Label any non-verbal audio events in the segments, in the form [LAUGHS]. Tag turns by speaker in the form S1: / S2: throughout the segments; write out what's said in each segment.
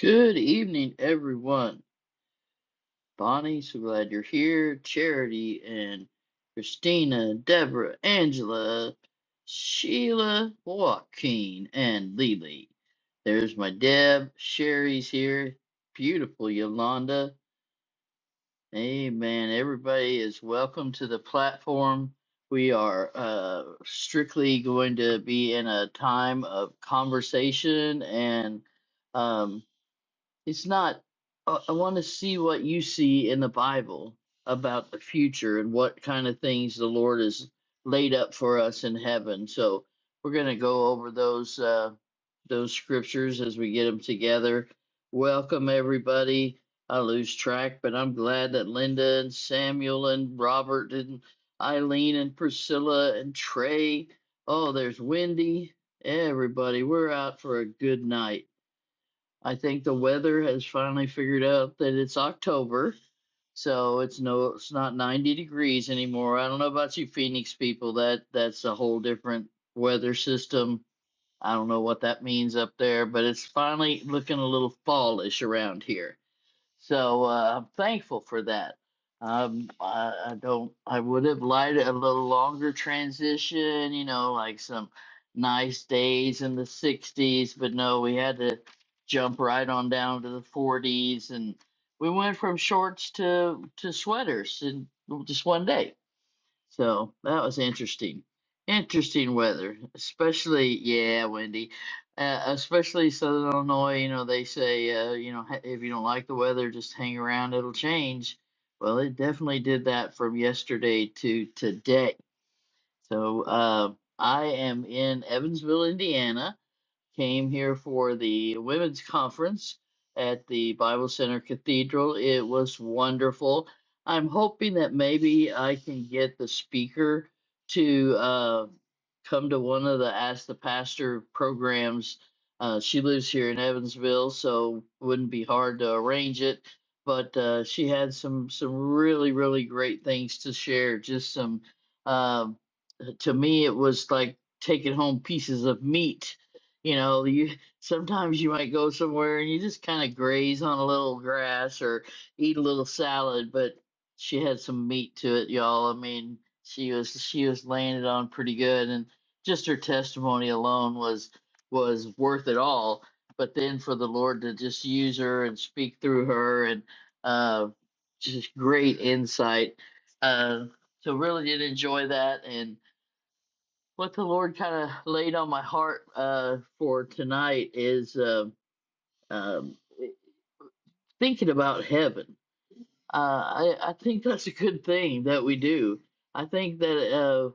S1: Good evening, everyone. Bonnie, so glad you're here. Charity and Christina, Deborah, Angela, Sheila, Joaquin, and Lily. There's my Deb. Sherry's here. Beautiful Yolanda. Amen. Everybody is welcome to the platform. We are uh, strictly going to be in a time of conversation and. um it's not uh, i want to see what you see in the bible about the future and what kind of things the lord has laid up for us in heaven so we're going to go over those uh those scriptures as we get them together welcome everybody i lose track but i'm glad that linda and samuel and robert and eileen and priscilla and trey oh there's wendy everybody we're out for a good night I think the weather has finally figured out that it's October, so it's no, it's not 90 degrees anymore. I don't know about you Phoenix people, that that's a whole different weather system. I don't know what that means up there, but it's finally looking a little fallish around here. So uh, I'm thankful for that. Um, I, I don't. I would have liked a little longer transition, you know, like some nice days in the '60s, but no, we had to jump right on down to the '40s, and we went from shorts to to sweaters in just one day so that was interesting. Interesting weather, especially yeah, Wendy. Uh, especially Southern Illinois. You know they say uh, you know ha- if you don't like the weather, just hang around. It'll change. Well, it definitely did that from yesterday to today. So uh, I am in Evansville, Indiana came here for the women's conference at the Bible Center Cathedral. It was wonderful. I'm hoping that maybe I can get the speaker to uh, come to one of the Ask the Pastor programs. Uh, she lives here in Evansville, so wouldn't be hard to arrange it. But uh, she had some some really really great things to share. Just some um, to me it was like taking home pieces of meat you know you [LAUGHS] sometimes you might go somewhere and you just kind of graze on a little grass or eat a little salad but she had some meat to it y'all i mean she was she was laying it on pretty good and just her testimony alone was was worth it all but then for the lord to just use her and speak through her and uh just great insight uh so really did enjoy that and what the Lord kind of laid on my heart uh, for tonight is uh, um, thinking about heaven. Uh, I, I think that's a good thing that we do. I think that uh,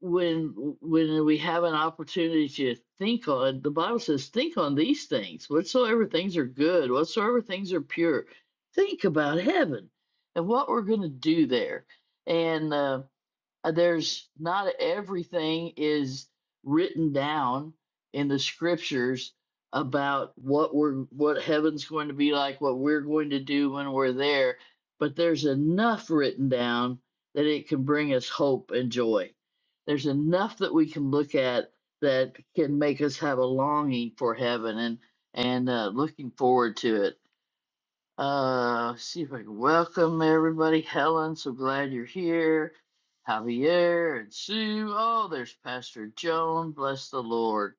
S1: when when we have an opportunity to think on, the Bible says, "Think on these things, whatsoever things are good, whatsoever things are pure. Think about heaven and what we're going to do there." And uh, uh, there's not everything is written down in the scriptures about what we're what heaven's going to be like what we're going to do when we're there but there's enough written down that it can bring us hope and joy there's enough that we can look at that can make us have a longing for heaven and and uh, looking forward to it uh, see if I can welcome everybody. Helen, so glad you're here. Javier and Sue. Oh, there's Pastor Joan. Bless the Lord.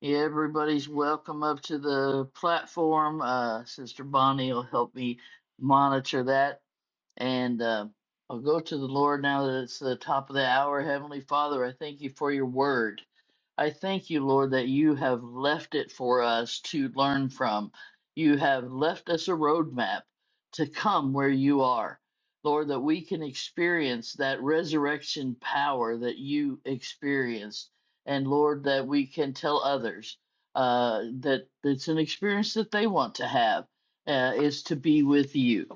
S1: Yeah, everybody's welcome up to the platform. Uh, Sister Bonnie will help me monitor that. And uh, I'll go to the Lord now that it's the top of the hour. Heavenly Father, I thank you for your word. I thank you, Lord, that you have left it for us to learn from. You have left us a roadmap to come where you are. Lord, that we can experience that resurrection power that you experienced. And Lord, that we can tell others uh, that it's an experience that they want to have uh, is to be with you.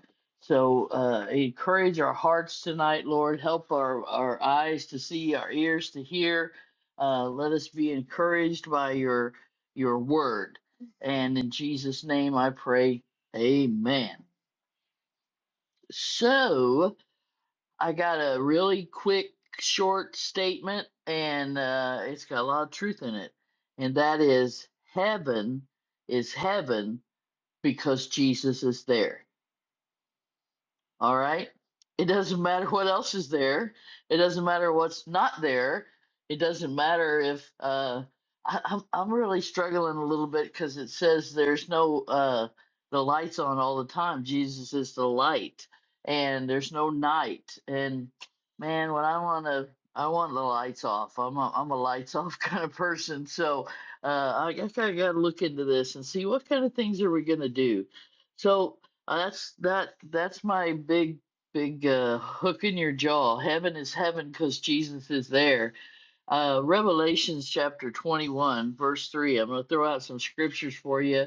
S1: So uh, encourage our hearts tonight, Lord. Help our, our eyes to see, our ears to hear. Uh, let us be encouraged by your your word. And in Jesus' name I pray, amen. So I got a really quick, short statement, and uh, it's got a lot of truth in it. And that is heaven is heaven because Jesus is there All right. It doesn't matter what else is there. It doesn't matter what's not there. It doesn't matter if uh, I, I'm I'm really struggling a little bit because it says there's no uh, the lights on all the time. Jesus is the light, and there's no night. And man, when I want to, I want the lights off. I'm a, I'm a lights off [LAUGHS] kind of person. So uh, I guess I got to look into this and see what kind of things are we gonna do. So uh, That's that that's my big big uh, hook in your jaw. Heaven is heaven because Jesus is there. Uh, Revelations chapter 21 verse 3. I'm going to throw out some scriptures for you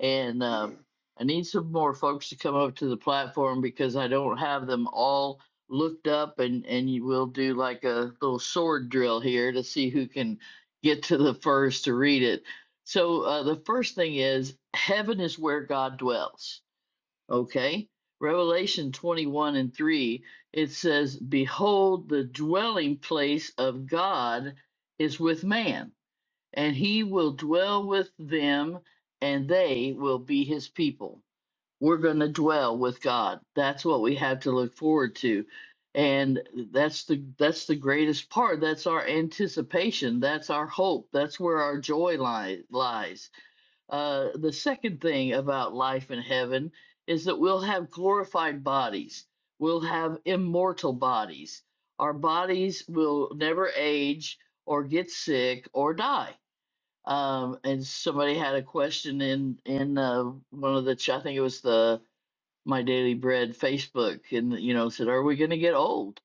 S1: and uh, I need some more folks to come up to the platform because I don't have them all looked up and and you will do like a little sword drill here to see who can get to the first to read it. So uh, the first thing is heaven is where God dwells Okay. Revelation 21 and 3, it says, Behold, the dwelling place of God is with man, and he will dwell with them, and they will be his people. We're going to dwell with God. That's what we have to look forward to. And that's the that's the greatest part. That's our anticipation. That's our hope. That's where our joy li- lies. Uh, the second thing about life in heaven is that we'll have glorified bodies. We'll have immortal bodies. Our bodies will never age or get sick or die. Um, and somebody had a question in in uh, one of the ch- I think it was the my daily bread Facebook and you know said, "Are we going to get old?"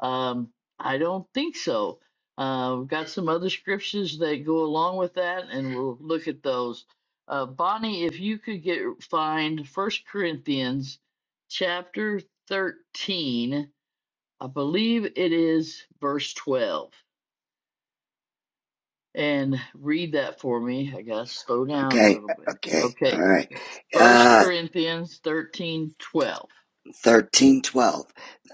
S1: Um, I don't think so. Uh, we've got some other scriptures that go along with that, and we'll look at those. Uh, Bonnie, if you could get find First Corinthians chapter thirteen, I believe it is verse twelve, and read that for me. I gotta slow down a
S2: Okay,
S1: little bit.
S2: okay, all
S1: Okay,
S2: right.
S1: First
S2: Uh,
S1: Corinthians thirteen twelve.
S2: thirteen, twelve.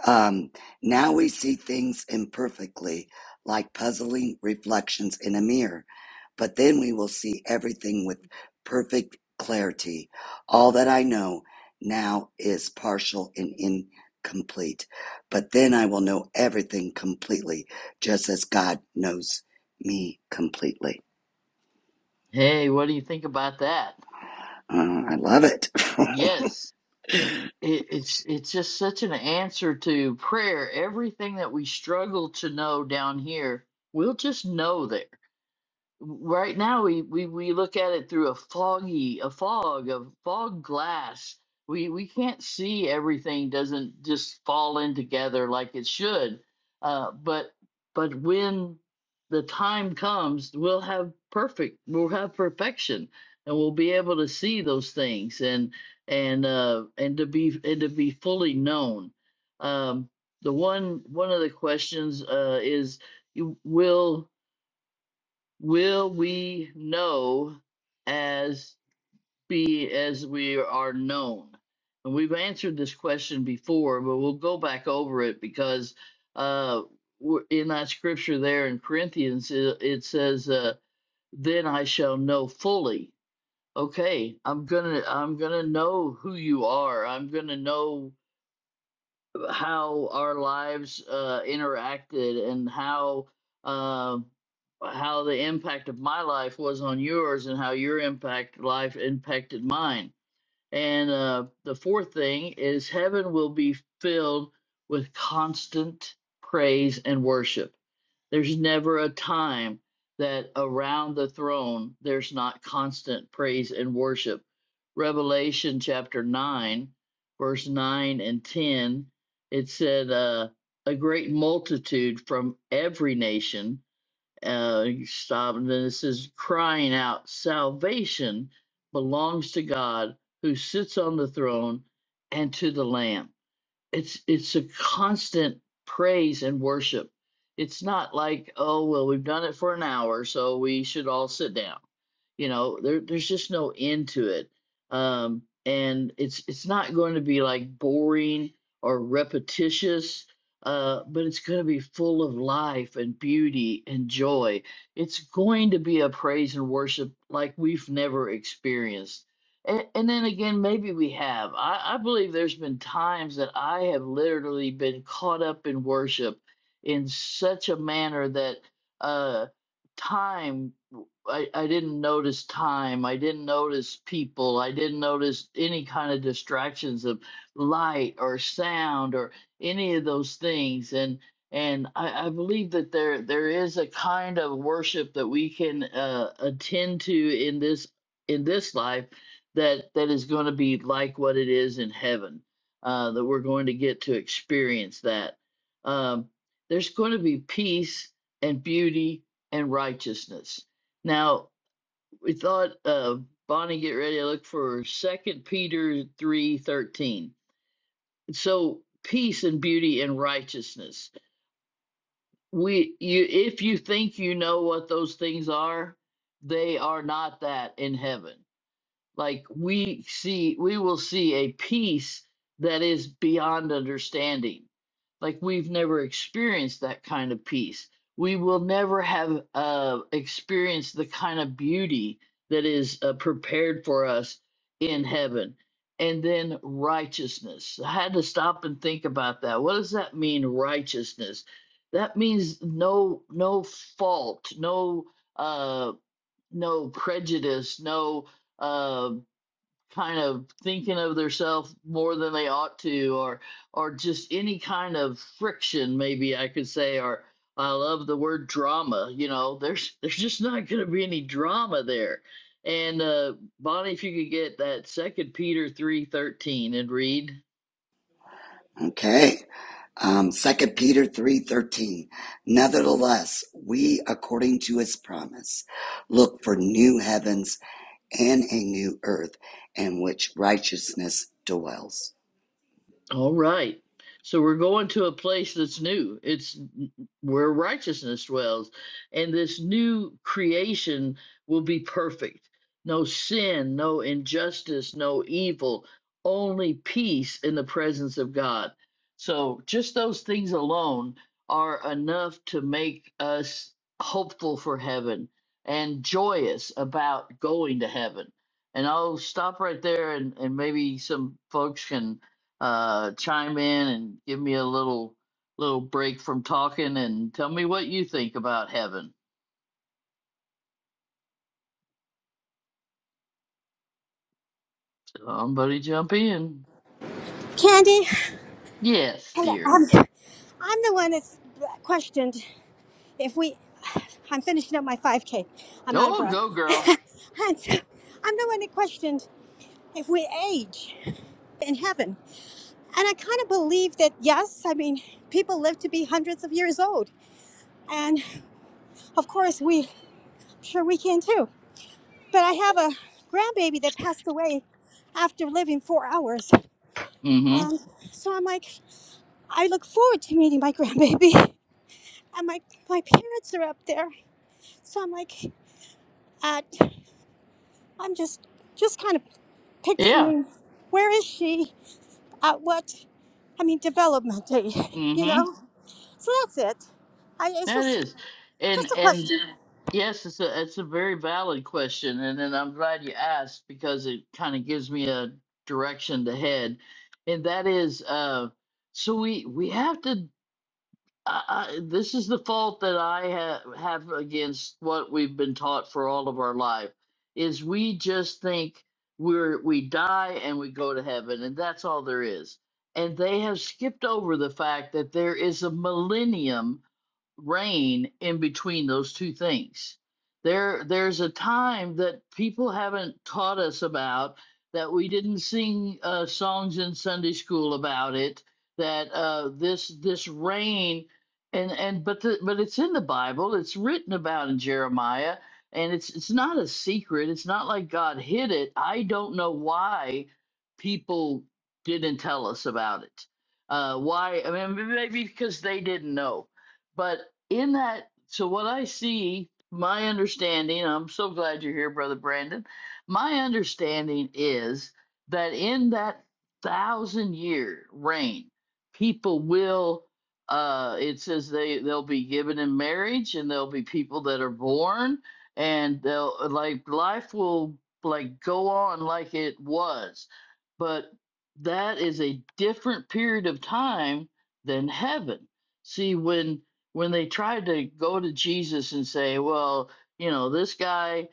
S2: Um, now we see things imperfectly, like puzzling reflections in a mirror, but then we will see everything with perfect clarity. All that I know now is partial and incomplete, but then I will know everything completely, just as God knows me completely.
S1: Hey, what do you think about that?
S2: Uh, I love it. [LAUGHS]
S1: Yes, it, it's it's just such an answer to prayer. Everything that we struggle to know down here, we'll just know there right now we, we, we look at it through a foggy a fog of fog glass we we can't see everything doesn't just fall in together like it should uh, but but when the time comes we'll have perfect we'll have perfection and we'll be able to see those things and and uh and to be and to be fully known um the one one of the questions uh is you will will we know as be as we are known and we've answered this question before but we'll go back over it because uh w- in that scripture there in corinthians it, it says uh then i shall know fully okay i'm gonna i'm gonna know who you are i'm gonna know how our lives uh, interacted and how um how the impact of my life was on yours and how your impact life impacted mine. And uh, the fourth thing is heaven will be filled with constant praise and worship there's never a time that around the throne there's not constant praise and worship. Revelation chapter 9, verse 9 and 10, it said, uh, a great multitude from every nation, uh, stop, and then it says, crying out, salvation belongs to God who sits on the throne and to the Lamb it's it's a constant praise and worship. It's not like, oh well, we've done it for an hour, so we should all sit down. You know, there there's just no end to it. Um and it's it's not going to be like boring or repetitious, uh, but it's going to be full of life and beauty and joy. It's going to be a praise and worship like we've never experienced and, and then again, maybe we have. I, I believe there's been times that I have literally been caught up in worship in such a manner that uh, time, I, I didn't notice time. I didn't notice people. I didn't notice any kind of distractions of light or sound or any of those things. And and I, I believe that there there is a kind of worship that we can uh, attend to in this in this life that that is going to be like what it is in heaven uh, that we're going to get to experience that um, there's going to be peace and beauty and righteousness now we thought uh, bonnie get ready to look for second peter 3.13 so peace and beauty and righteousness we you if you think you know what those things are they are not that in heaven like we see we will see a peace that is beyond understanding like we've never experienced that kind of peace we will never have uh, experienced the kind of beauty that is uh, prepared for us in heaven and then righteousness i had to stop and think about that what does that mean righteousness that means no no fault no uh no prejudice no uh, kind of thinking of themselves more than they ought to or or just any kind of friction maybe i could say or i love the word drama you know there's there's just not going to be any drama there and uh bonnie if you could get that second peter 3.13 and read
S2: Okay. Um, 2 Peter 3:13. Nevertheless, we according to his promise look for new heavens and a new earth in which righteousness dwells.
S1: All right. So we're going to a place that's new. It's where righteousness dwells. And this new creation will be perfect. No sin, no injustice, no evil, only peace in the presence of God. So just those things alone are enough to make us hopeful for heaven and joyous about going to heaven. And I'll stop right there and, and maybe some folks can uh, chime in and give me a little little break from talking and tell me what you think about heaven. Somebody jump in.
S3: Candy,
S1: Yes,
S3: hello.
S1: dear.
S3: Um, I'm the one that's questioned if we. I'm finishing up my 5K. I'm out of
S1: Oh,
S3: breath.
S1: go
S3: [LAUGHS]
S1: girl.
S3: and so I'm the one that questioned if we age in heaven. And I kind of believe that, yes, I mean, people live to be hundreds of years old. And of course, we, I'm sure we can too. But I have a grandbaby that passed away after living four hours.
S1: Mm-hmm.
S3: And so I'm like, I look forward to meeting my grandbaby. and my my parents are up there so i'm like at i'm just just kind of
S1: Yeah.
S3: picturing where is she at what i mean development date you
S1: Mm-hmm.
S3: know so that's it I, it's
S1: That
S3: just
S1: is.
S3: just
S1: And
S3: a
S1: and
S3: question
S1: yes, it's a it's a very valid question, and and I'm glad you asked because it kind of gives me a direction to head, and that is uh, so we we have to. I, this is the fault that I ha- have against what we've been taught for all of our life is we just think we're we die and we go to heaven and that's all there is. And they have skipped over the fact that there is a millennium reign in between those two things. There, there's a time that people haven't taught us about that we didn't sing uh, songs in Sunday school about it. That uh, this this rain and and but the, but it's in the Bible. It's written about in Jeremiah, and it's it's not a secret. It's not like God hid it. I don't know why people didn't tell us about it. Uh, why? I mean, maybe because they didn't know but in that, so what I see, my understanding, I'm so glad you're here, Brother Brandon. My understanding is that in that thousand year reign, people will, uh, it says they, they'll be given in marriage and there'll be people that are born and they'll, uh, like, life will, like, go on like it was. But that is a different period of time than heaven. See, when when they tried to go to Jesus and say, well, you know, this guy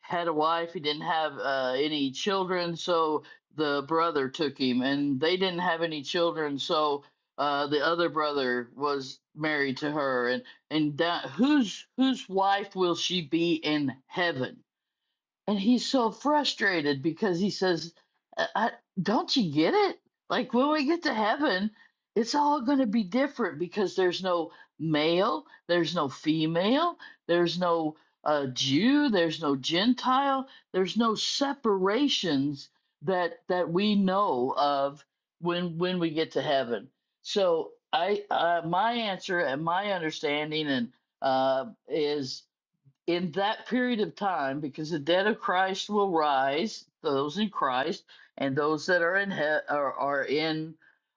S1: had a wife, he didn't have uh, any children, so the brother took him, and they didn't have any children, so uh, the other brother was married to her, and and that, whose whose wife will she be in heaven? and he's so frustrated because he says, I, I- "Don't you get it? Like when we get to heaven, it's all going to be different because there's no male, there's no female, there's no uh, Jew, there's no Gentile, there's no separations that that we know of when when we get to heaven." So I uh, my answer and my understanding and uh, is in that period of time, because the dead of Christ will rise, those in Christ, and those that are in he- are, are in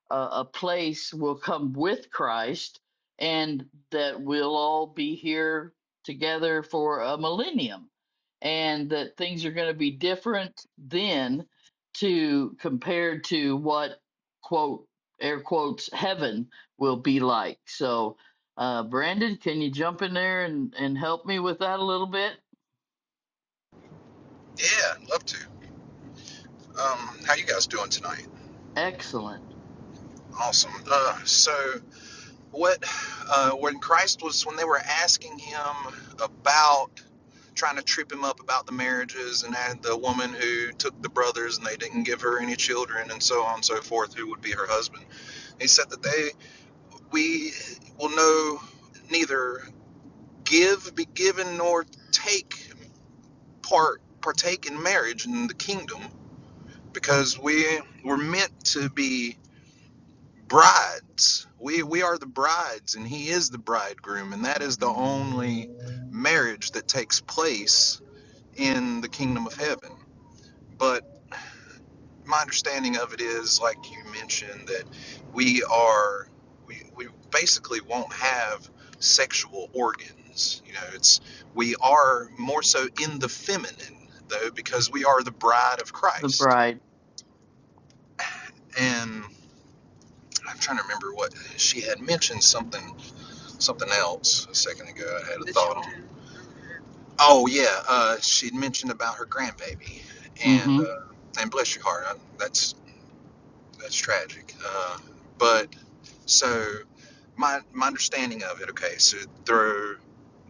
S1: a, a place will come with Christ, and that we'll all be here together for a millennium, and that things are going to be different then to compared to what quote air quotes heaven will be like. So uh, Brandon, can you jump in there and, and help me with that a little bit?
S4: Yeah, love to. Um, how you guys doing tonight?
S1: Excellent.
S4: Awesome. Uh, so what? Uh, when Christ was when they were asking him about trying to trip him up about the marriages and had the woman who took the brothers and they didn't give her any children and so on and so forth who would be her husband he said that they we will know neither give be given nor take part partake in marriage in the kingdom because we were meant to be brides. We we are the brides and he is the bridegroom and that is the only marriage that takes place in the kingdom of heaven. But my understanding of it is like you mentioned that we are we we basically won't have sexual organs. You know, it's we are more so in the feminine though because we are the bride of
S1: The
S4: Christ.
S1: bride.
S4: And I'm trying to remember what she had mentioned something something else a second ago. I had oh yeah, uh, she'd mentioned about her grandbaby, and
S1: Mm-hmm.
S4: uh, and bless your heart, I, that's that's tragic. Uh, but so my my understanding of it, okay, so through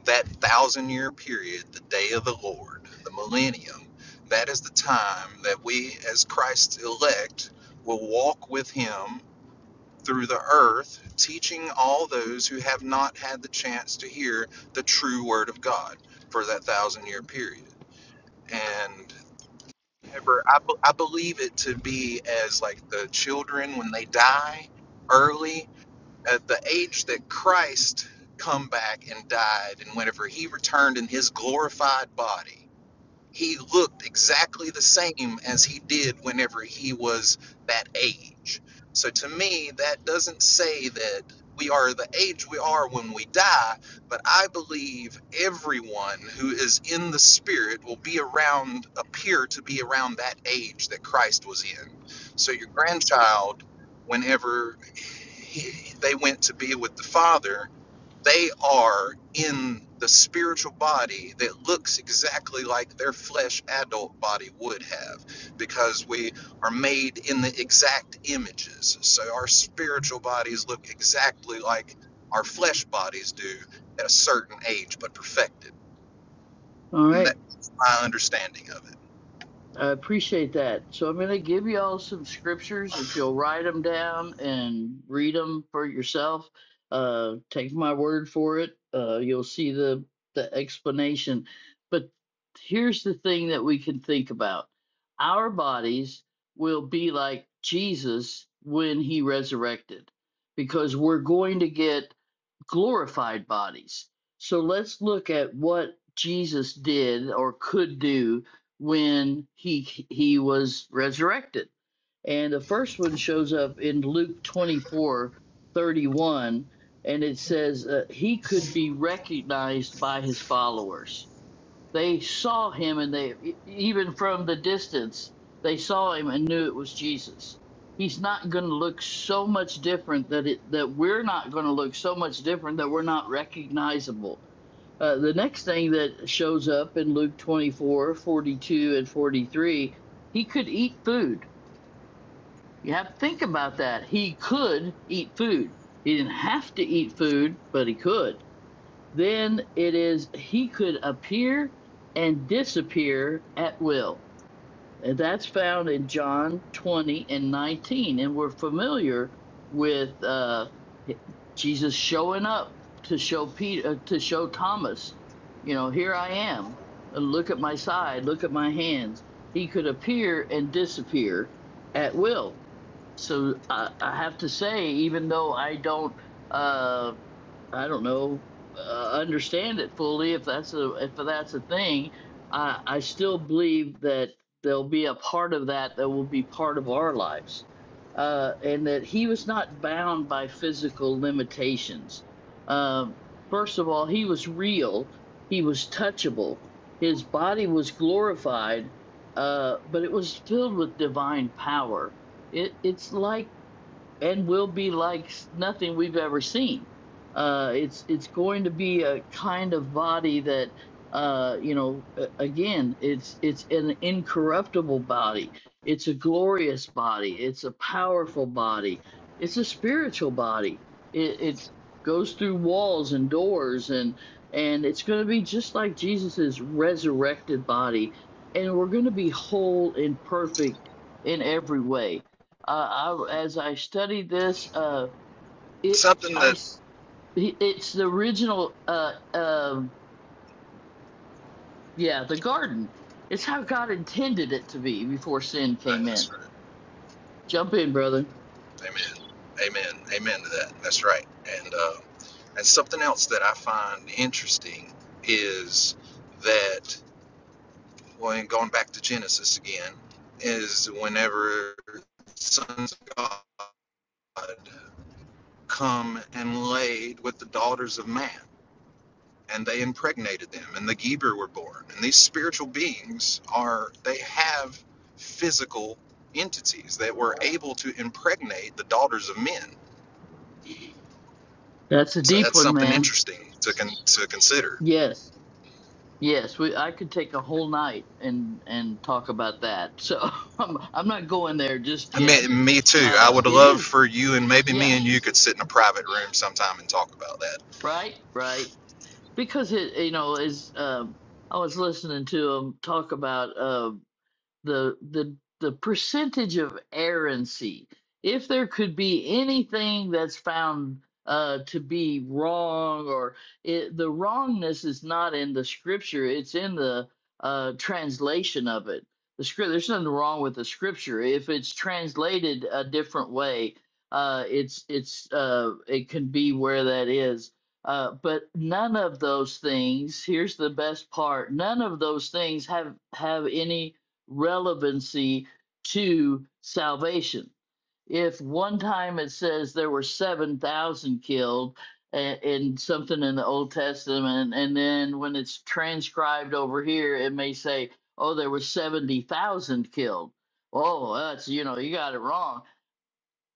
S4: that thousand year period, the day of the Lord, the millennium, that is the time that we as Christ's elect will walk with Him through the earth, teaching all those who have not had the chance to hear the true word of God for that thousand year period. And ever, I, I believe it to be as like the children when they die early, at the age that Christ come back and died, and whenever he returned in his glorified body he looked exactly the same as he did whenever he was that age. So to me, that doesn't say that we are the age we are when we die, but I believe everyone who is in the spirit will be around, appear to be around that age that Christ was in. So your grandchild, whenever he, they went to be with the Father, they are in the spiritual body that looks exactly like their flesh adult body would have because we are made in the exact images. So our spiritual bodies look exactly like our flesh bodies do at a certain age, but perfected.
S1: All
S4: And
S1: right.
S4: that's my understanding of it.
S1: I appreciate that. So I'm going to give you all some scriptures. If you'll write them down and read them for yourself, uh, take my word for it. Uh, you'll see the, the explanation. But here's the thing that we can think about our bodies will be like Jesus when he resurrected because we're going to get glorified bodies. So let's look at what Jesus did or could do when he he was resurrected. And the first one shows up in Luke 24 31, and it says uh, he could be recognized by his followers. They saw him and they, e- even from the distance, they saw him and knew it was Jesus. He's not going to look so much different that it that we're not going to look so much different that we're not recognizable. Uh, the next thing that shows up in Luke 24 42 and 43, he could eat food. You have to think about that. He could eat food. He didn't have to eat food, but he could. Then it is he could appear and disappear at will. And that's found in John 20 and 19. And we're familiar with uh, Jesus showing up to show Peter, to show Thomas, you know, here I am. Uh, Look at my side, look at my hands. He could appear and disappear at will. So I, I have to say, even though I don't uh, I don't know, uh, understand it fully if that's a if that's a thing. I I still believe that there'll be a part of that that will be part of our lives, uh, and that he was not bound by physical limitations. Um, first of all, he was real. He was touchable. His body was glorified, uh, but it was filled with divine power. It, it's like and will be like s- nothing we've ever seen. Uh, it's it's going to be a kind of body that uh, you know a- again it's it's an incorruptible body. It's a glorious body. It's a powerful body. It's a spiritual body. It, it goes through walls and doors and and it's going to be just like Jesus's resurrected body, and we're going to be whole and perfect in every way uh, I, as I studied this, uh, it
S4: Something
S1: I
S4: that,
S1: s- he- it's the original. Uh, um yeah, the garden. It's how God intended it to be before sin
S4: uh,
S1: came in.
S4: that's right.
S1: Jump in, brother.
S4: Amen. Amen. Amen to that. That's right. And, uh, and something else that I find interesting is that. well, and going back to Genesis again, is whenever sons of God come and laid with the daughters of man, and they impregnated them, and the Geber were born. And these spiritual beings are, they have physical entities that were able to impregnate the daughters of men.
S1: That's a
S4: So
S1: deep
S4: that's
S1: one,
S4: something
S1: man.
S4: interesting to, con- to consider.
S1: Yes, yes. We I could take a whole night and and talk about that. So [LAUGHS] I'm I'm not going there just
S4: I
S1: yet.
S4: mean, me too. I
S1: Uh,
S4: would
S1: it
S4: love
S1: is.
S4: for you and maybe me
S1: Yeah.
S4: and you could sit in a private room sometime and talk about that.
S1: Right. Right. Because it you know is um I was listening to him talk about. Um, the the the percentage of errancy if there could be anything that's found uh to be wrong or it, the wrongness is not in the scripture it's in the uh translation of it the script there's nothing wrong with the scripture if it's translated a different way uh it's it's uh it can be where that is uh but none of those things here's the best part none of those things have have any relevancy to salvation. If one time it says there were 7,000 killed a- in something in the Old Testament, and then when it's transcribed over here, it may say, oh, there were 70,000 killed. Oh, that's, you know, you got it wrong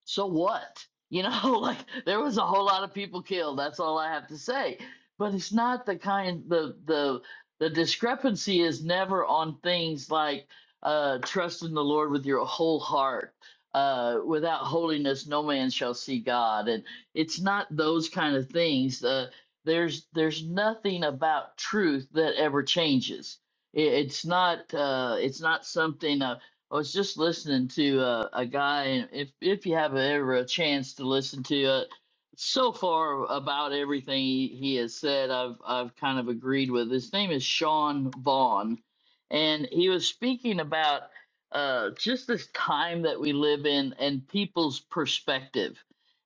S1: so what? You know, [LAUGHS] like there was a whole lot of people killed. That's all I have to say. But it's not the kind the the the discrepancy is never on things like uh trust in the Lord with your whole heart. Uh, without holiness, no man shall see God, and it's not those kind of things. Uh, there's there's nothing about truth that ever changes. It, it's not uh, it's not something. uh, I was just listening to uh, a guy, and if if you have ever a chance to listen to uh, so far about everything he, he has said, I've I've kind of agreed with. His name is Sean Vaughn, and he was speaking about uh, just this time that we live in and people's perspective,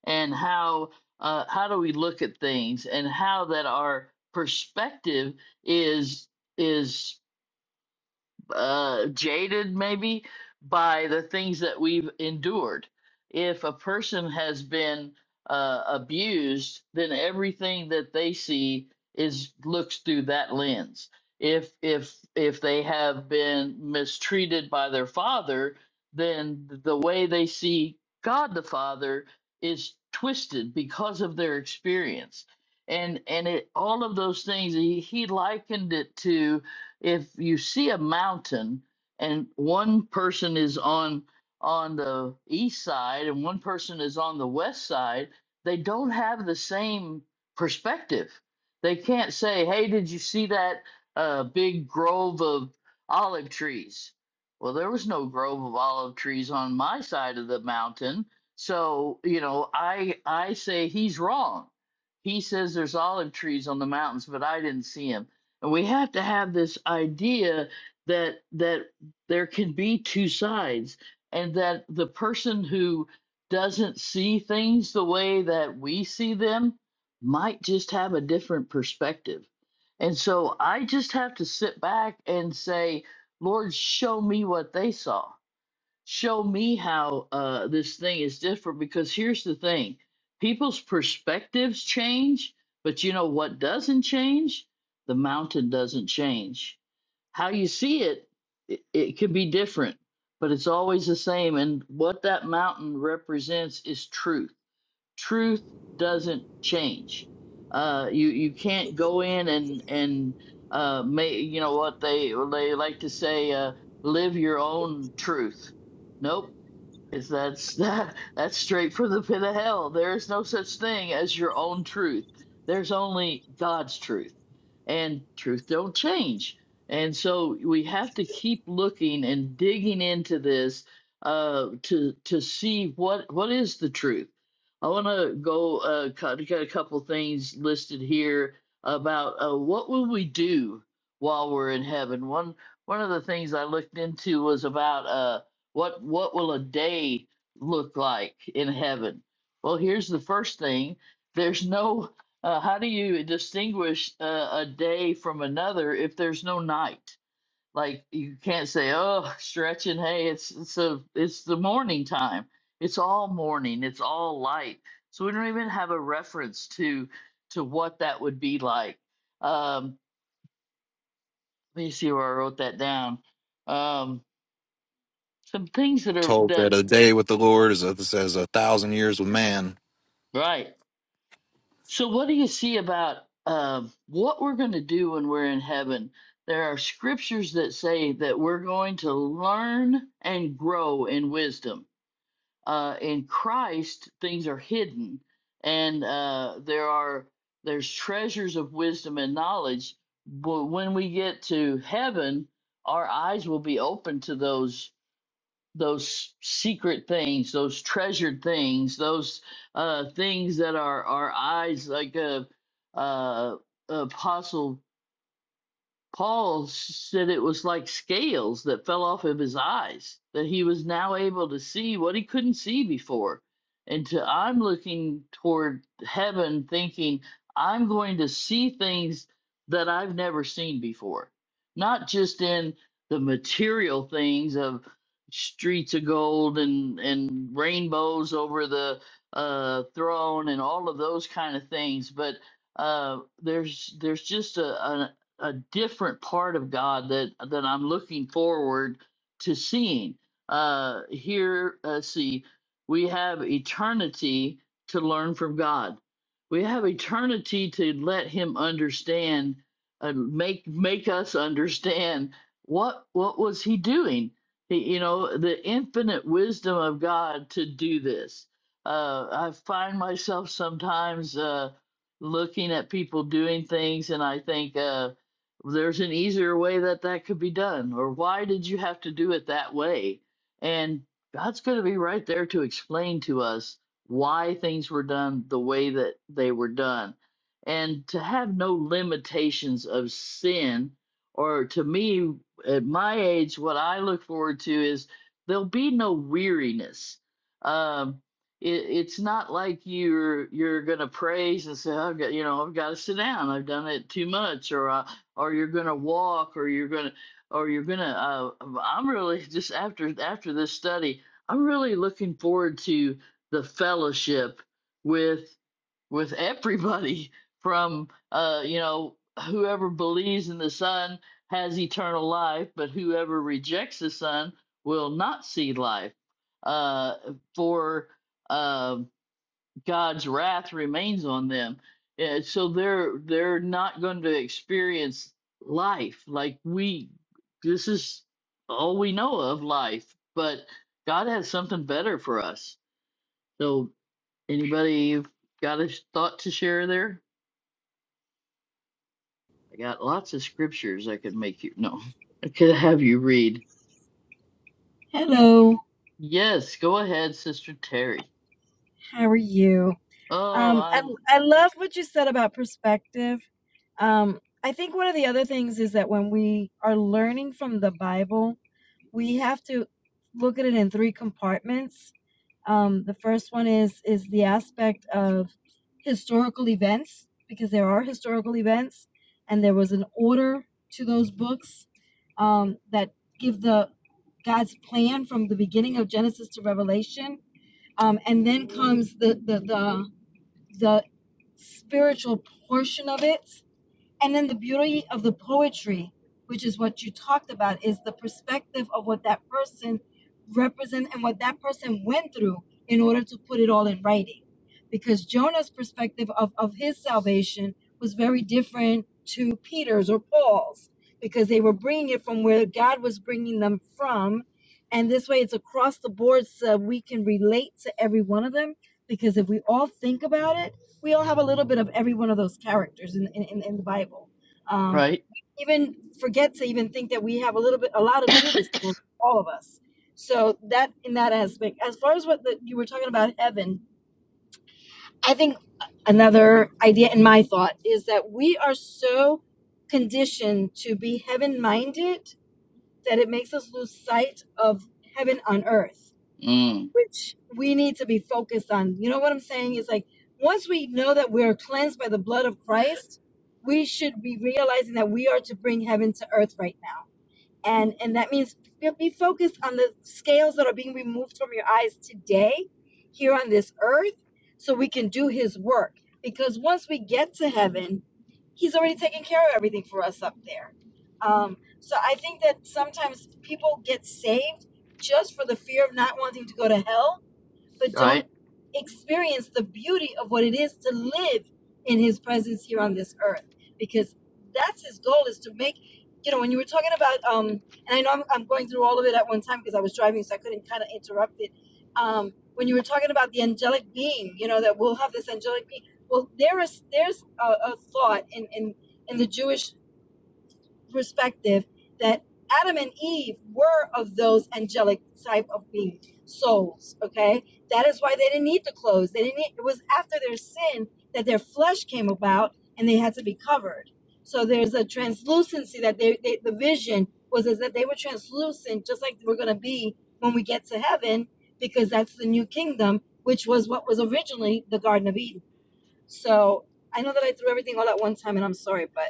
S1: and how uh, how do we look at things, and how that our perspective is is uh, jaded maybe by the things that we've endured. If a person has been uh, abused, then everything that they see is looks through that lens. If if if they have been mistreated by their father, then the way they see God the Father is twisted because of their experience. And and it all of those things he, he likened it to if you see a mountain and one person is on on the east side and one person is on the west side they don't have the same perspective they can't say hey did you see that uh, big grove of olive trees well there was no grove of olive trees on my side of the mountain so you know i i say he's wrong he says there's olive trees on the mountains but i didn't see see 'em." And we have to have this idea that that there can be two sides and that the person who doesn't see things the way that we see them might just have a different perspective. And so I just have to sit back and say, Lord, show me what they saw show me how uh, this thing is different because here's the thing people's perspectives change but you know what doesn't change the mountain doesn't change how you see it it, it could be different but it's always the same and what that mountain represents is truth truth doesn't change. Uh, you you can't go in and and uh, may you know what they they like to say uh, live your own truth. Nope, is that's [LAUGHS] that that's straight from the pit of hell. There is no such thing as your own truth. There's only God's truth. And truth don't change. And so we have to keep looking and digging into this uh to to see what what is the truth. I want to go uh got a couple things listed here about uh what will we do while we're in heaven. One one of the things I looked into was about uh. What what will a day look like in heaven? Well, here's the first thing. There's no uh, how do you distinguish uh, a day from another if there's no night? Like you can't say, "Oh, [LAUGHS] stretching, hey, it's it's a it's the morning time. It's all morning. It's all light." So we don't even have a reference to to what that would be like. Um, let me see where I wrote that down. Um, some things that are
S4: told that
S1: that
S4: a day with the Lord is as as a thousand years with man.
S1: right So, what do you see about uh, what we're going to do when we're in heaven? There are scriptures that say that we're going to learn and grow in wisdom. Uh, in Christ, things are hidden, and uh, there are there's treasures of wisdom and knowledge. But when we get to heaven, our eyes will be open to those those secret things, those treasured things, those uh, things that our our eyes, like uh, uh, Apostle Paul said it was like scales that fell off of his eyes, that he was now able to see what he couldn't see before. And to, I'm looking toward heaven thinking, I'm going to see things that I've never seen before, not just in the material things of streets of gold and, and rainbows over the uh, throne and all of those kind of things, but uh, there's there's just a, an a different part of God that that I'm looking forward to seeing. Uh, here, uh, see, we have eternity to learn from God. We have eternity to let Him understand and make make us understand what what was He doing. He- You know, the infinite wisdom of God to do this. Uh, I find myself sometimes uh, looking at people doing things, and I think. Uh, there's an easier way that that could be done or why did you have to do it that way and god's going to be right there to explain to us why things were done the way that they were done and to have no limitations of sin or to me at my age what i look forward to is there'll be no weariness um it, it's not like you're you're gonna praise and say i've got you know i've got to sit down i've done it too much or uh, or you're gonna walk or you're gonna or you're gonna uh, um, i'm really [LAUGHS] just after after this study i'm really looking forward to the fellowship with with everybody [LAUGHS] from uh you know whoever believes in the son has eternal life but whoever rejects the son will not see life uh for uh, God's wrath remains on them. And so they're they're not going to experience life like we this is all we know of life, but God has something better for us. So anybody got a thought to share there? I got lots of scriptures I could make you no. I could have you read.
S5: Hello,
S1: Yes, go ahead, Sister Terry.
S5: how are you?
S1: Oh,
S5: Um, I,
S1: I'm
S5: I love what you said about perspective. Um, I think one of the other things is that when we are learning from the Bible, we have to look at it in three compartments. Um, the first one is is the aspect of historical events because there are historical events, and there was an order to those books um, that give the God's plan from the beginning of Genesis to Revelation Um, and then comes the the the the spiritual portion of it and then the beauty of the poetry, which is what you talked about, is the perspective of what that person represent and what that person went through in order to put it all in writing. Because Jonah's perspective of, of his salvation was very different to Peter's or Paul's, because they were bringing it from where God was bringing them from. And this way, it's across the board so we can relate to every one of them. Because if we all think about it, we all have a little bit of every one of those characters in in, in, the Bible. Um,
S1: right.
S5: even forget to even think that we have a little bit, a lot
S1: [COUGHS]
S5: of Judas, well, all of us. So that in that aspect, as far as what the, you were talking about heaven, I think another idea in my thought is that we are so conditioned to be heaven minded that it makes us lose sight of heaven on earth
S1: Mm,
S5: which we need to be focused on. You know what I'm saying? It's like once we know that we are cleansed by the blood of Christ, we should be realizing that we are to bring heaven to earth right now and and that means be focused on the scales that are being removed from your eyes today here on this earth so we can do his work because once we get to heaven he's already taken care of everything for us up there um, so i think that sometimes people get saved just for the fear of not wanting to go to hell but don't
S1: right.
S5: experience the beauty of what it is to live in his presence here on this earth because that's his goal is to make you know when you were talking about um and i know i'm, I'm going through all of it at one time because i was driving so i couldn't kind of interrupt it um when you were talking about the angelic being you know that we'll have this angelic being well there is there's a, a thought in in in the jewish perspective that Adam and Eve were of those angelic type of being souls. Okay, that is why they didn't need the clothes. They didn't. Need, it was after their sin that their flesh came about, and they had to be covered. So there's a translucency that they, they the vision was is that they were translucent, just like we're gonna be when we get to heaven, because that's the new kingdom, which was what was originally the Garden of Eden. So I know that I threw everything all at one time, and I'm sorry, but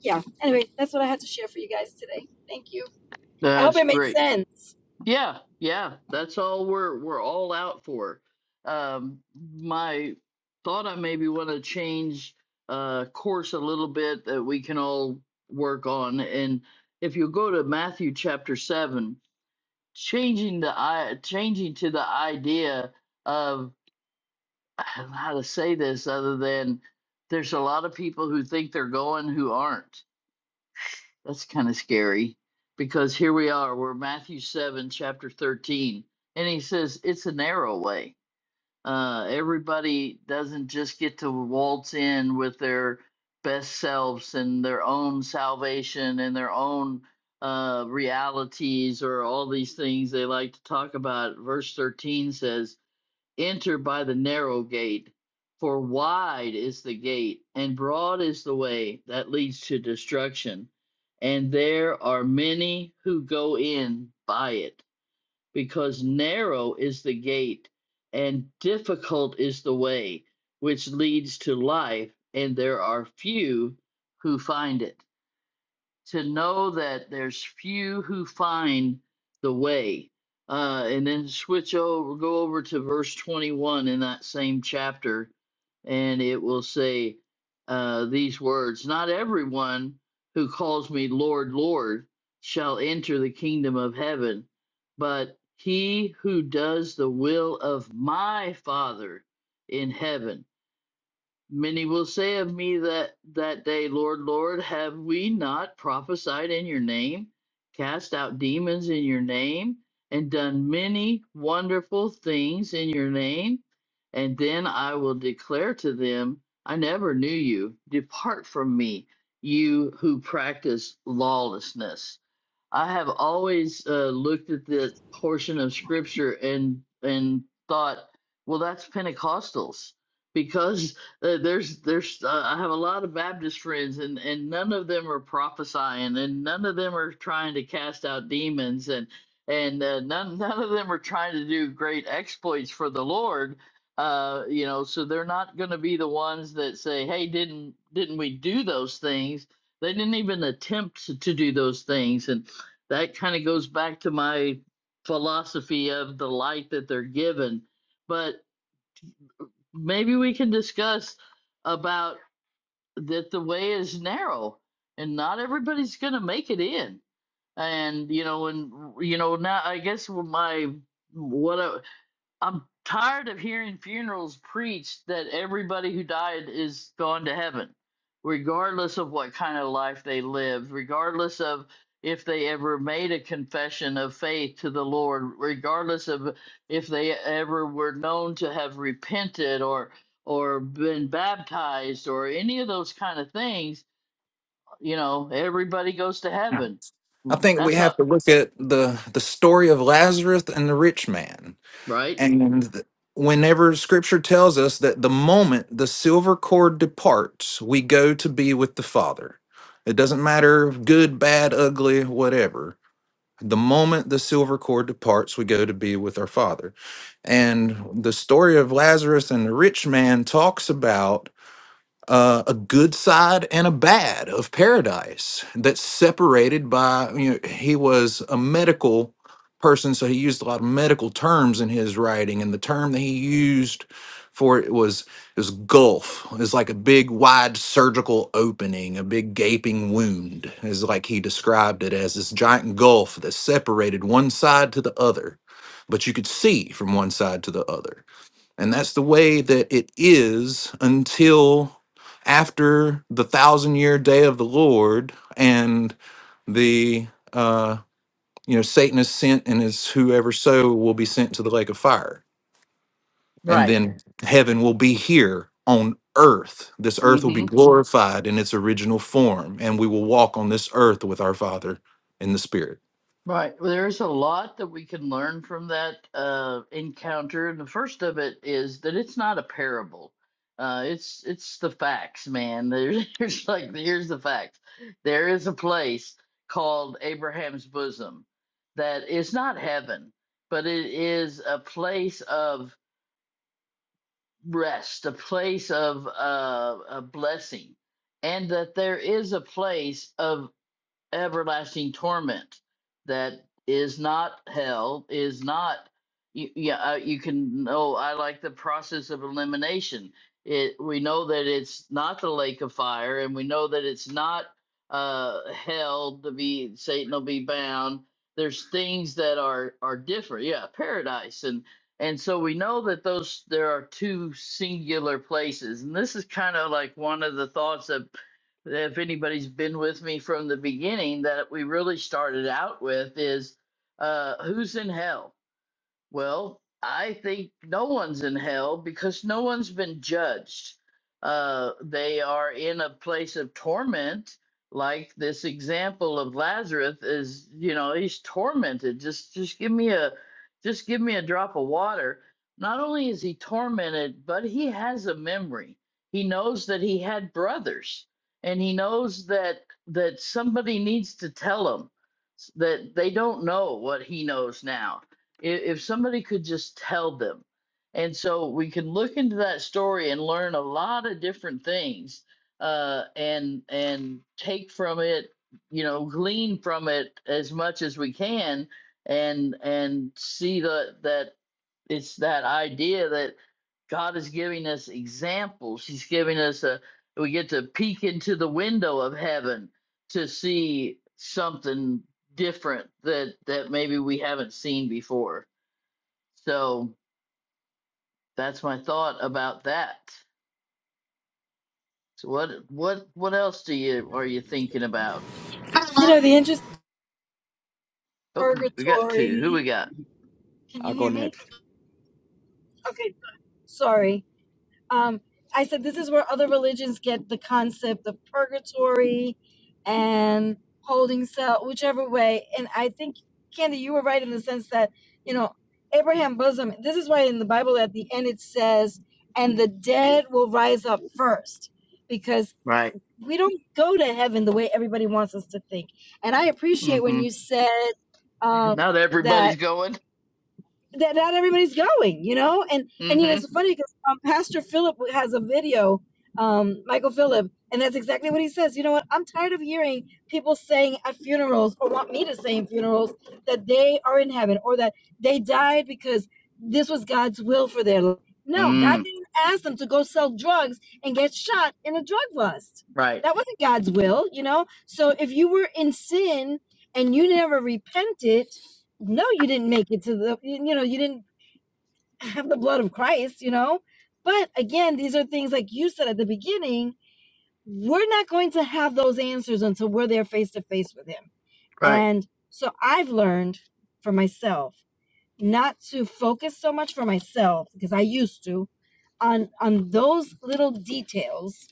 S5: yeah, anyway, that's what I had to share for you guys today. Thank you. I hope
S1: That's
S5: it made
S1: great.
S5: sense.
S1: Yeah, yeah, that's all we're we're all out for. Um, my thought I maybe want to change uh course a little bit that we can all work on. And if you go to Matthew chapter seven, changing the i changing to the idea of [SIGHS] I don't know how to say this other than there's a lot of people who think they're going who aren't that's kind of scary because here we are. We're Matthew 7, chapter 13. And he says it's a narrow way. Uh, everybody doesn't just get to waltz in with their best selves and their own salvation and their own uh, realities or all these things they like to talk about. Verse 13 says, enter by the narrow gate. For wide is the gate, and broad is the way that leads to destruction, and there are many who go in by it, because narrow is the gate, and difficult is the way which leads to life, and there are few who find it to know that there's few who find the way. Uh, and then switch over, go over to verse 21 in that same chapter, and it will say uh, these words Not everyone who calls me Lord, Lord shall enter the kingdom of heaven, but he who does the will of my Father in heaven. Many will say of me that that day, Lord, Lord, have we not prophesied in your name, cast out demons in your name, and done many wonderful things in your name? And then I will declare to them, I never knew you. Depart from me, you who practice lawlessness. I have always uh, looked at that portion of scripture and and thought, well, that's Pentecostals because uh, there's there's uh, I have a lot of Baptist friends and and none of them are prophesying and none of them are trying to cast out demons and and uh, none none of them are trying to do great exploits for the Lord. Uh, you know, so they're not going to be the ones that say, "Hey, didn't didn't we do those things?" They didn't even attempt to, to do those things, and that kind of goes back to my philosophy of the light that they're given. But maybe we can discuss about that the way is narrow and not everybody's going to make it in. And you know, and you know, now I guess my what I, I'm tired of hearing funerals preached that everybody who died is gone to heaven, regardless of what kind of life they lived, regardless of if they ever made a confession of faith to the Lord, regardless of if they ever were known to have repented or or been baptized or any of those kind of things, you know, everybody goes to heaven.
S4: I think we
S1: That's
S4: have
S1: not
S4: to look at the the story of Lazarus and the rich man.
S1: right.
S4: And th- whenever scripture tells us that the moment the silver cord departs, we go to be with the Father. It doesn't matter good, bad, ugly, whatever. The moment the silver cord departs, we go to be with our Father. And the story of Lazarus and the rich man talks about uh, a good side and a bad of paradise that's separated by you know he was a medical person so he used a lot of medical terms in his writing and the term that he used for it was is gulf It's like a big wide surgical opening a big gaping wound is like he described it as this giant gulf that separated one side to the other but you could see from one side to the other and that's the way that it is until after the thousand year day of the Lord and the, uh, you know, Satan is sent and is whoever so will be sent to the lake of fire. And
S1: Right.
S4: then heaven will be here on earth. This earth will
S1: Hmm.
S4: be glorified in its original form and we will walk on this earth with our Father in the Spirit.
S1: Right. Well, There's a lot that we can learn from that uh, encounter, and the first of it is that it's not a parable. Uh, it's it's the facts, man. There's, [LAUGHS] there's like here's the facts. There is a place called Abraham's bosom that is not heaven, but it is a place of rest, a place of uh, a blessing, and that there is a place of everlasting torment that is not hell is not you, yeah uh, you can know i like the process of elimination it we know that it's not the lake of fire and we know that it's not uh hell to be satan will be bound there's things that are are different yeah paradise and and so we know that those there are two singular places and this is kind of like one of the thoughts of if anybody's been with me from the beginning that we really started out with is uh, who's in hell well, I think no one's in hell because no one's been judged. Uh, they are in a place of torment, like this example of Lazarus is. You know, he's tormented. Just, just give me a, just give me a drop of water. Not only is he tormented, but he has a memory. He knows that he had brothers, and he knows that that somebody needs to tell him that they don't know what he knows now i- if somebody could just tell them. And so we can look into that story and learn a lot of different things uh, and and take from it, you know, glean from it as much as we can and and see the that it's that idea that God is giving us examples. He's giving us a we get to peek into the window of heaven to see something different that that maybe we haven't seen before. So that's my thought about that. So what what what else do you are you thinking about?
S5: You know, the interest
S1: Oh, we got two. Who we
S5: purgatory.
S1: got?
S5: Can
S6: I'll
S5: you
S6: go
S5: hear me?
S6: next.
S5: Okay, sorry. Um, I said this is where other religions get the concept of purgatory and holding cell, whichever way. And I think, Candy, you were right in the sense that, you know, Abraham bosom, this is why in the Bible at the end it says, and the dead will rise up first. Because
S1: Right.
S5: we don't go to heaven the way everybody wants us to think. And I appreciate when
S1: Mm-hmm.
S5: you said
S1: [LAUGHS]
S5: um,
S1: Not
S5: that
S1: everybody's going.
S5: that not everybody's going, you know? And and you know, it's
S1: Mm-hmm.
S5: funny because um, Pastor Philip has a video, um, Michael Philip, and that's exactly what he says. You know what? I'm tired of hearing people saying at funerals or want me to say in funerals that they are in heaven or that they died because this was God's will for their life. No, God
S1: Mm.
S5: didn't ask them to go sell drugs and get shot in a drug bust.
S1: Right.
S5: That wasn't God's will, you know? So if you were in sin and you never repented, no, you didn't make it to the, you know, you didn't have the blood of Christ, you know? But again, these are things like you said at the beginning, we're not going to have those answers until we're there face to face with Him.
S1: Right.
S5: And so I've learned for myself not to focus so much for myself because I used to on on those little details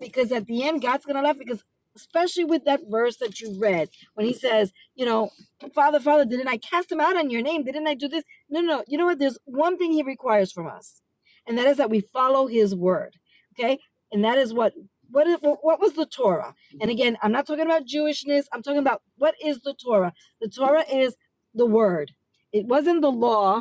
S5: because at the end God's gonna laugh because especially with that verse that you read when he says, you know, Father, Father, didn't I cast him out on your name? Didn't I do this? No, no, no. you know what? There's one thing he requires from us, and that is that we follow his word. Okay? And that is what what is what what was the Torah? And again, I'm not talking about Jewishness, I'm talking about what is the Torah? The Torah is the word. It wasn't the law,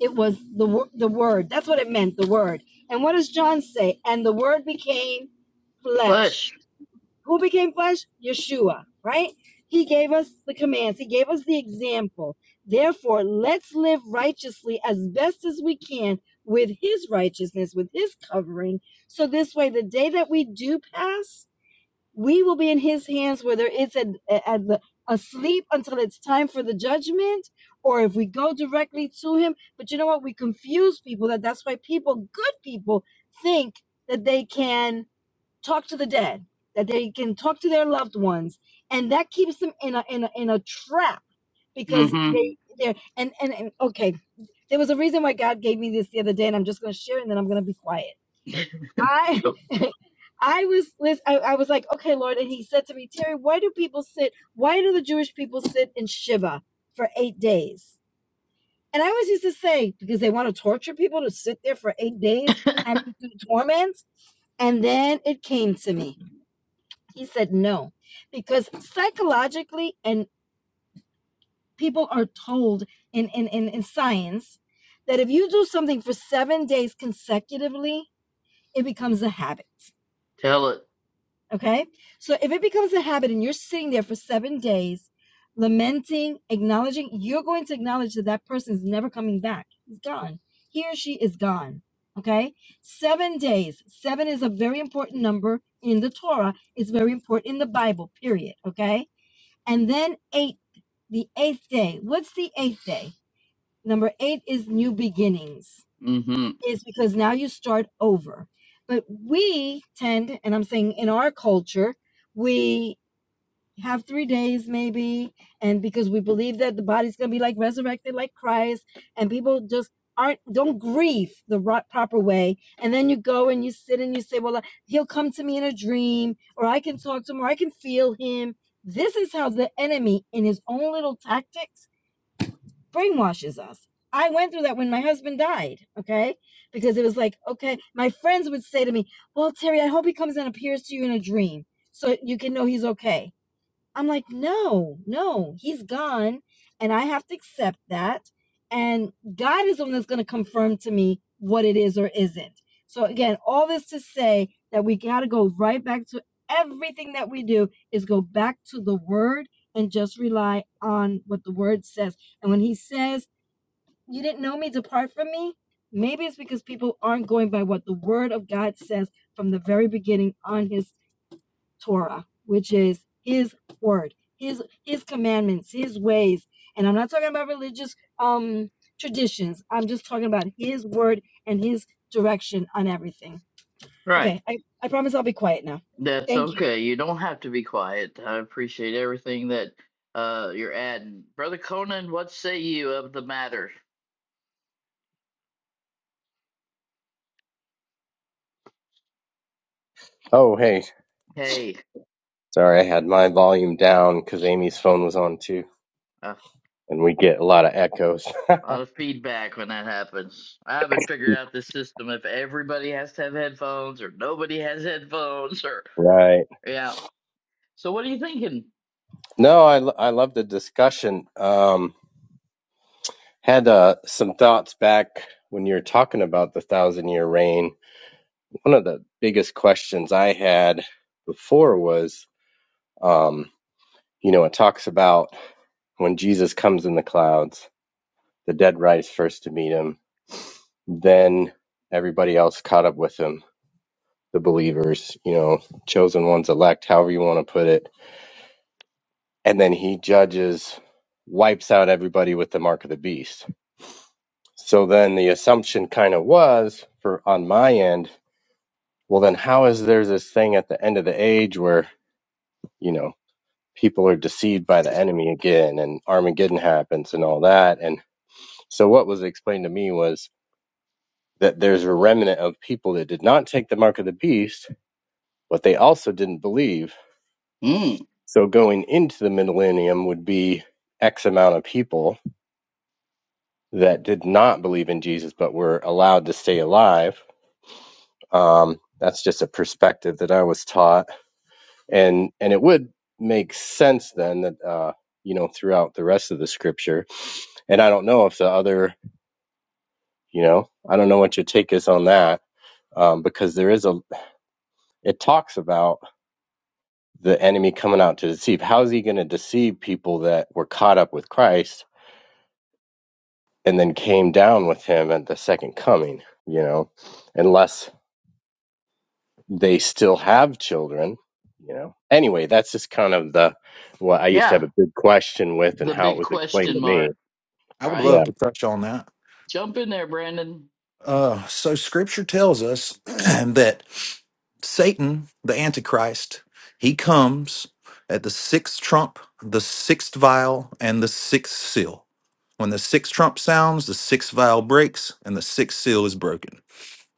S5: it was the wo- the word. That's what it meant, the word. And what does John say? And the word became flesh.
S1: Flesh.
S5: Who became flesh? Yeshua, right? He gave us the commands. He gave us the example. Therefore, let's live righteously as best as we can with his righteousness, with his covering. So this way the day that we do pass, we will be in his hands whether it's at, at the, asleep until it's time for the judgment or if we go directly to him but you know what we confuse people that that's why people good people think that they can talk to the dead that they can talk to their loved ones and that keeps them in a in a, in a trap because
S1: Mm-hmm.
S5: they they're and, and and okay there was a reason why god gave me this the other day and i'm just going to share it and then i'm going to be quiet I
S1: [LAUGHS] Go
S5: [LAUGHS] I was lis- I, I was like, okay, Lord, and he said to me, Terry, why do people sit? Why do the Jewish people sit in Shiva for eight days? And I always used to say, because they want to torture people to sit there for eight days, having through torments. And then it came to me. He said, no, because psychologically, and people are told in, in, in, in science that if you do something for seven days consecutively, it becomes a habit.
S1: tell it.
S5: Okay. So if it becomes a habit and you're sitting there for seven days, lamenting, acknowledging, you're going to acknowledge that that person is never coming back. He's gone. He or she is gone. Okay. Seven days. Seven is a very important number in the Torah. It's very important in the Bible, period. Okay. And then eight, the eighth day. What's the eighth day? Number eight is new beginnings
S1: Mm-hmm.
S5: is because now you start over. But we tend, and I'm saying in our culture, we have three days maybe, and because we believe that the body's going to be like resurrected like Christ, and people just aren't don't grieve the right, proper way and then you go and you sit and you say well uh, he'll come to me in a dream or i can talk to him or i can feel him this is how the enemy in his own little tactics brainwashes us. I went through that when my husband died, okay? Because it was like, okay, my friends would say to me, Well, Terry, I hope he comes and appears to you in a dream so you can know he's okay I'm like, no, no, he's gone. And I have to accept that. And God is the one that's going to confirm to me what it is or isn't. So, again, all this to say that we got to go right back to everything that we do is go back to the word and just rely on what the word says. And when he says, You didn't know me, depart from me, maybe it's because people aren't going by what the word of God says from the very beginning on his Torah, which is his word, his his commandments, his ways. And I'm not talking about religious um traditions. I'm just talking about his word and his direction on everything.
S1: Right.
S5: Okay, I, I promise I'll be quiet now.
S1: That's
S5: Thank you.
S1: okay. You don't have to be quiet. I appreciate everything that uh you're adding. Brother Conan, what say you of the matter?
S7: Oh, hey.
S1: Hey.
S7: Sorry, I had my volume down because Amy's phone was on too,
S1: uh,
S7: and we get a lot of echoes. [LAUGHS]
S1: A lot of feedback when that happens. I haven't figured out this system if everybody has to have headphones or nobody has headphones or
S7: Right.
S1: yeah. So what are you thinking?
S7: No, I, lo- I love the discussion. Um, had uh, some thoughts back when you were talking about the thousand year reign. One of the biggest questions I had before was, um, you know, it talks about when Jesus comes in the clouds, the dead rise first to meet him, then everybody else caught up with him. the believers, you know, chosen ones, elect, however you want to put it. And then he judges, wipes out everybody with the mark of the beast. So then the assumption kind of was for on my end, well, then how is there this thing at the end of the age where, you know, people are deceived by the enemy again and Armageddon happens and all that? And so what was explained to me was that there's a remnant of people that did not take the mark of the beast, but they also didn't believe
S1: Mm,
S7: So going into the millennium would be X amount of people that did not believe in Jesus but were allowed to stay alive. Um, that's just a perspective that I was taught, and and it would make sense then that uh, you know throughout the rest of the scripture. And I don't know if the other, you know, I don't know what your take is on that um, because there is a it talks about the enemy coming out to deceive. How is he going to deceive people that were caught up with Christ? and then came down with him at the second coming, you know, unless they still have children, you know. Anyway, that's just kind of the what I used to have
S1: yeah,
S7: a big question with and
S1: the
S7: how it
S1: big
S7: was explained
S1: question
S7: to me.
S1: mark,
S4: I would
S7: Yeah.
S1: right?
S4: love to touch on that.
S1: Jump in there, Brandon.
S4: Uh, so Scripture tells us [CLEARS THROAT] that Satan, the Antichrist, he comes at the sixth trump, the sixth vial, and the sixth seal. When the sixth trump sounds, the sixth vial breaks, and the sixth seal is broken.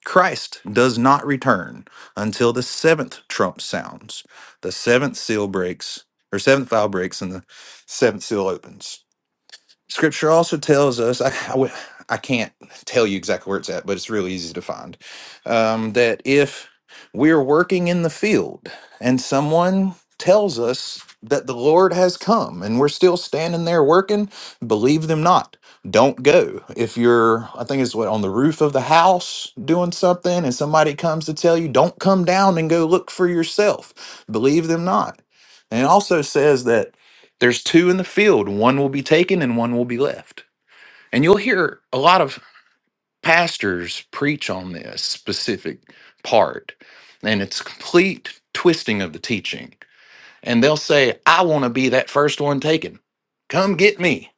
S4: Christ does not return until the seventh trump sounds. The seventh seal breaks, or seventh vial breaks, and the seventh seal opens. Scripture also tells us, I, I, w- I can't tell you exactly where it's at, but it's real easy to find, um, that if we're working in the field and someone tells us that the Lord has come and we're still standing there working, believe them not. Don't go. If you're, I think it's what, on the roof of the house doing something and somebody comes to tell you, don't come down and go look for yourself. Believe them not. And it also says that there's two in the field, one will be taken and one will be left. And you'll hear a lot of pastors preach on this specific part, and it's complete twisting of the teaching. And they'll say, I want to be that first one taken. Come get me.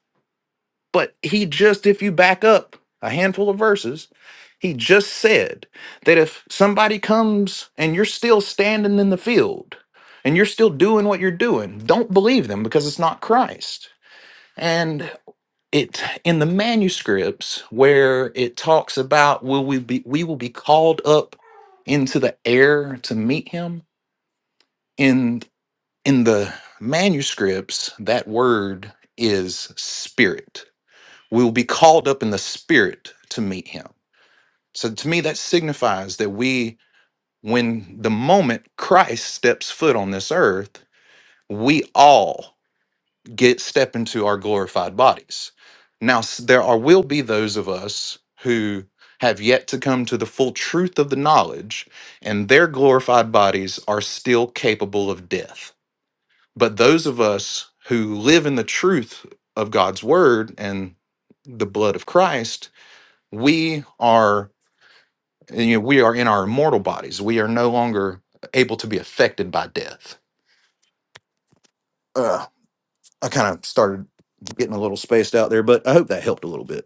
S4: But he just, if you back up a handful of verses, he just said that if somebody comes and you're still standing in the field and you're still doing what you're doing, don't believe them because it's not Christ. And it in the manuscripts where it talks about will we be we will be called up into the air to meet him in in the manuscripts that word is spirit we will be called up in the spirit to meet him so to me that signifies that we when the moment christ steps foot on this earth we all get step into our glorified bodies. Now s- there are will be those of us who have yet to come to the full truth of the knowledge and their glorified bodies are still capable of death. But those of us who live in the truth of God's word and the blood of Christ, we are you know we are in our immortal bodies. We are no longer able to be affected by death. Uh, I kind of started getting a little spaced out there, but I hope that helped a little bit.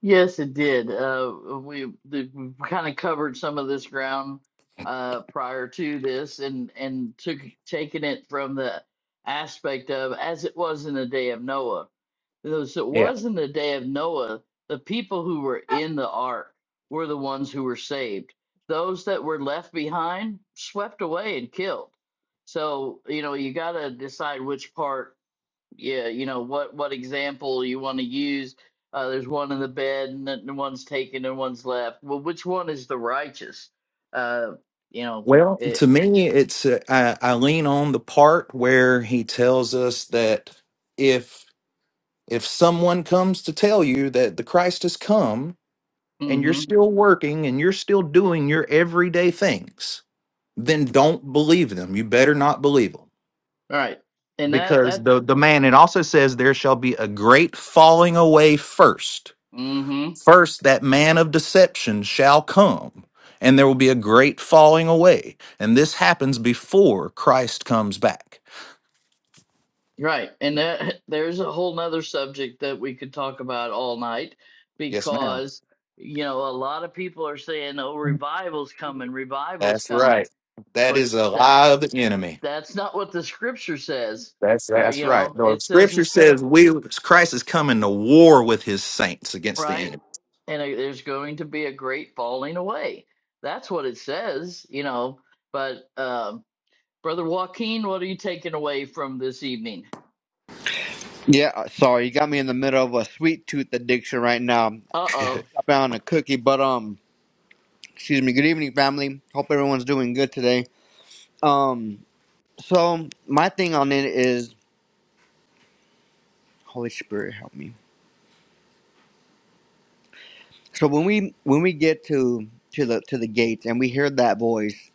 S1: Yes, it did. Uh, we the, we kind of covered some of this ground uh, prior to this, and and took taking it from the aspect of as it was in the day of Noah. As it was in the day of Noah, the people who were in the ark were the ones who were saved. Those that were left behind swept away and killed. So you know you got to decide which part yeah, you know what what example you want to use. Uh, there's one in the bed, and then one's taken, and one's left. Well, which one is the righteous? Uh, you know
S4: Well,
S1: it.
S4: to me, it's uh, I, I lean on the part where he tells us that if if someone comes to tell you that the Christ has come and you're
S1: Mm-hmm.
S4: still working and you're still doing your everyday things, then don't believe them. You better not believe them
S1: Right, and that
S4: because
S1: that.
S4: the the man it also says there shall be a great falling away first
S1: Mm-hmm.
S4: First, that man of deception shall come, and there will be a great falling away. And this happens before Christ comes back.
S1: Right, and that [LAUGHS] there's a whole nother subject that we could talk about all night
S4: Yes, ma'am.
S1: because you know a lot of people are saying, "Oh, revival's coming, revival's
S4: That's
S1: coming,"
S4: right. That
S1: but
S4: is a
S1: that
S4: lie of the enemy.
S1: that's not what the scripture says.
S4: That's
S1: Uh,
S4: that's
S1: you
S4: right.
S1: know,
S4: The
S1: it says
S4: scripture
S1: there's going to
S4: says we Christ is coming to war with his saints against the
S1: right?
S4: enemy.
S1: And a, there's going to be a great falling away. That's what it says, you know. But um, Brother Joaquin, what are you taking away from this evening?
S6: Yeah, uh, sorry, you got me in the middle of a sweet tooth addiction right now.
S1: Uh-oh.
S6: I found a cookie, but um, excuse me. Good evening, family. Hope everyone's doing good today. Um, so my thing on it is Holy Spirit, help me. So when we when we get to to the to the gates and we hear that voice,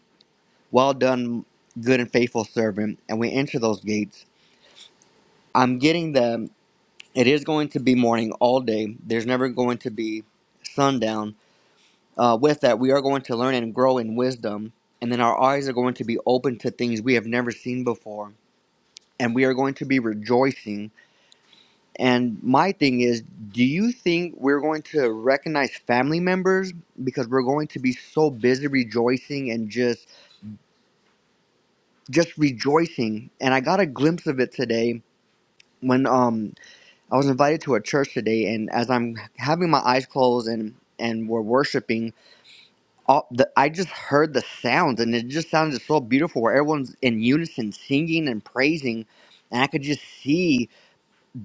S6: well done, good and faithful servant, and we enter those gates, I'm getting the it is going to be morning all day. There's never going to be sundown uh, with that, we are going to learn and grow in wisdom, and then our eyes are going to be open to things we have never seen before, and we are going to be rejoicing. And my thing is, do you think we're going to recognize family members because we're going to be so busy rejoicing and just just rejoicing? And I got a glimpse of it today when um I was invited to a church today, and as I'm having my eyes closed and and we're worshiping all the I just heard the sounds and it just sounded so beautiful where everyone's in unison singing and praising and I could just see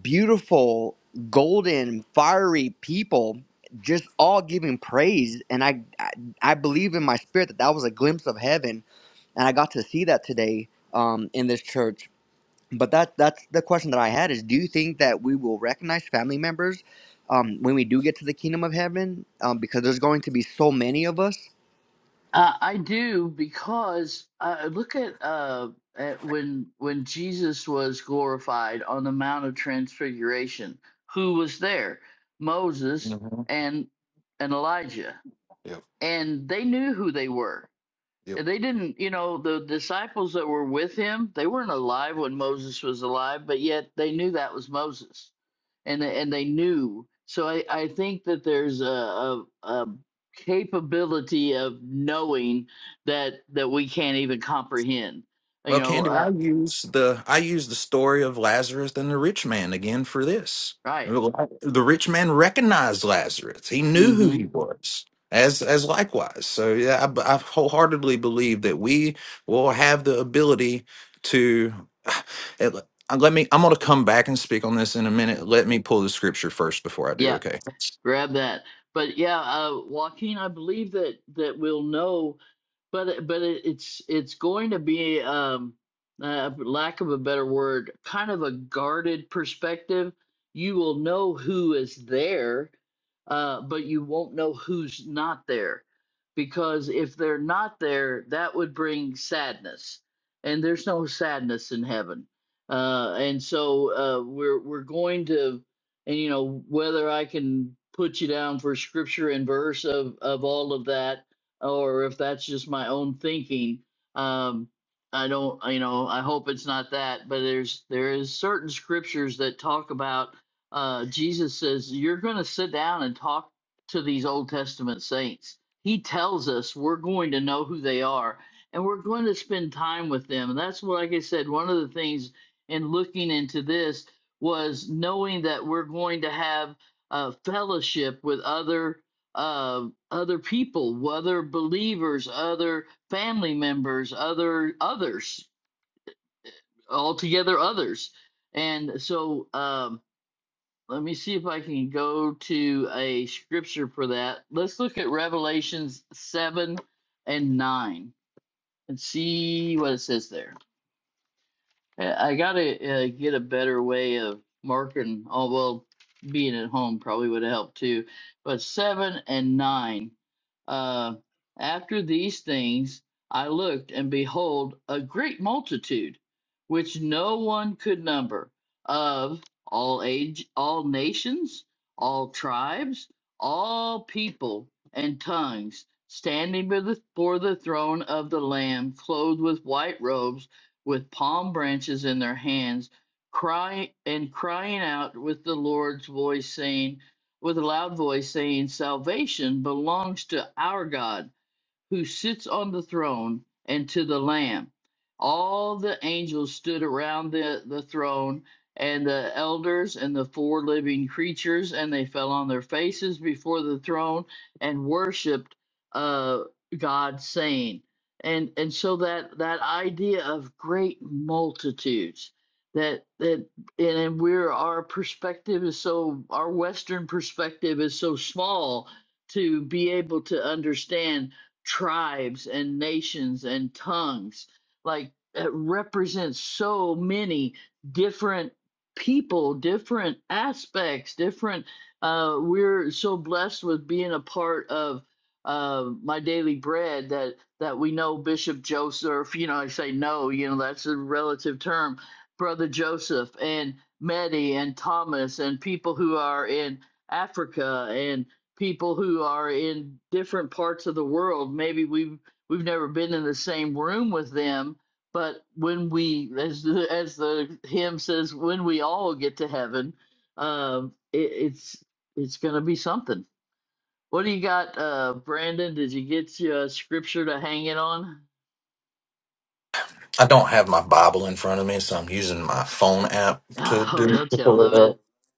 S6: beautiful golden fiery people just all giving praise and I I, I believe in my spirit that that was a glimpse of heaven and I got to see that today um, in this church but that that's the question that I had is do you think that we will recognize family members um, when we do get to the kingdom of heaven um, because there's going to be so many of us
S1: Uh, I do because uh, look at, uh, at when when Jesus was glorified on the Mount of Transfiguration. Who was there? Moses
S4: Mhm.
S1: and and Elijah,
S4: Yep.
S1: and they knew who they were
S4: Yep.
S1: And they didn't, you know, the disciples that were with him, they weren't alive when Moses was alive, but yet they knew that was Moses, and they- and they knew. So I I think that there's a a, a capability of knowing that that we can't even comprehend. You
S4: Well,
S1: know,
S4: Candy, I
S1: uh,
S4: use the I use the story of Lazarus and the rich man again for this.
S1: right?
S4: The rich man recognized Lazarus; he knew who
S1: Mm-hmm.
S4: he was. As as likewise, so yeah, I, I wholeheartedly believe that we will have the ability to. [SIGHS] It, uh, let me. I'm going to come back and speak on this in a minute. Let me pull the scripture first before I do.
S1: Yeah,
S4: Okay.
S1: grab that. But yeah, uh, Joaquin, I believe that that we'll know But it- but it, it's it's going to be um uh, lack of a better word, kind of a guarded perspective. You will know who is there, uh, but you won't know who's not there, because if they're not there, that would bring sadness, and there's no sadness in heaven. Uh, and so uh, we're we're going to, and you know whether I can put you down for scripture and verse of of all of that or if that's just my own thinking. Um, I don't, you know, I hope it's not that, but there's there is certain scriptures that talk about uh, Jesus says you're going to sit down and talk to these Old Testament saints. He tells us we're going to know who they are, and we're going to spend time with them. And that's what, like I said, one of the things in looking into this was knowing that we're going to have uh, fellowship with other uh, other people, other believers, other family members, other others, altogether others. And so um, let me see if I can go to a scripture for that. Let's look at Revelations 7 and 9 and see what it says there. Uh, I gotta uh, get a better way of marking. Oh well, being at home probably would have helped too. But seven and nine. Uh, after these things, I looked, and behold, a great multitude, which no one could number, of all age, all nations, all tribes, all people and tongues, standing before the, before the throne of the Lamb, clothed with white robes with palm branches in their hands, crying and crying out with the Lord's voice, saying, with a loud voice, saying, Salvation belongs to our God who sits on the throne and to the Lamb. All the angels stood around the, the throne and the elders and the four living creatures, and they fell on their faces before the throne and worshiped uh, God, saying, and and so that that idea of great multitudes that that and, and we're our perspective is so our Western perspective is so small to be able to understand tribes and nations and tongues. Like it represents so many different people, different aspects, different. Uh, we're so blessed with being a part of uh, my daily bread that that we know Bishop Joseph. You know, I say no. You know, that's a relative term. Brother Joseph and Medi and Thomas and people who are in Africa and people who are in different parts of the world. Maybe we've we've never been in the same room with them, but when we, as the, as the hymn says, when we all get to heaven, um, it, it's it's going to be something. What do you got, uh, Brandon? Did you get your scripture to hang it on? [LAUGHS]
S4: I don't have my Bible in front of me, so I'm using my phone app to
S1: Oh,
S4: do.
S1: don't you love
S4: [LAUGHS]
S1: it?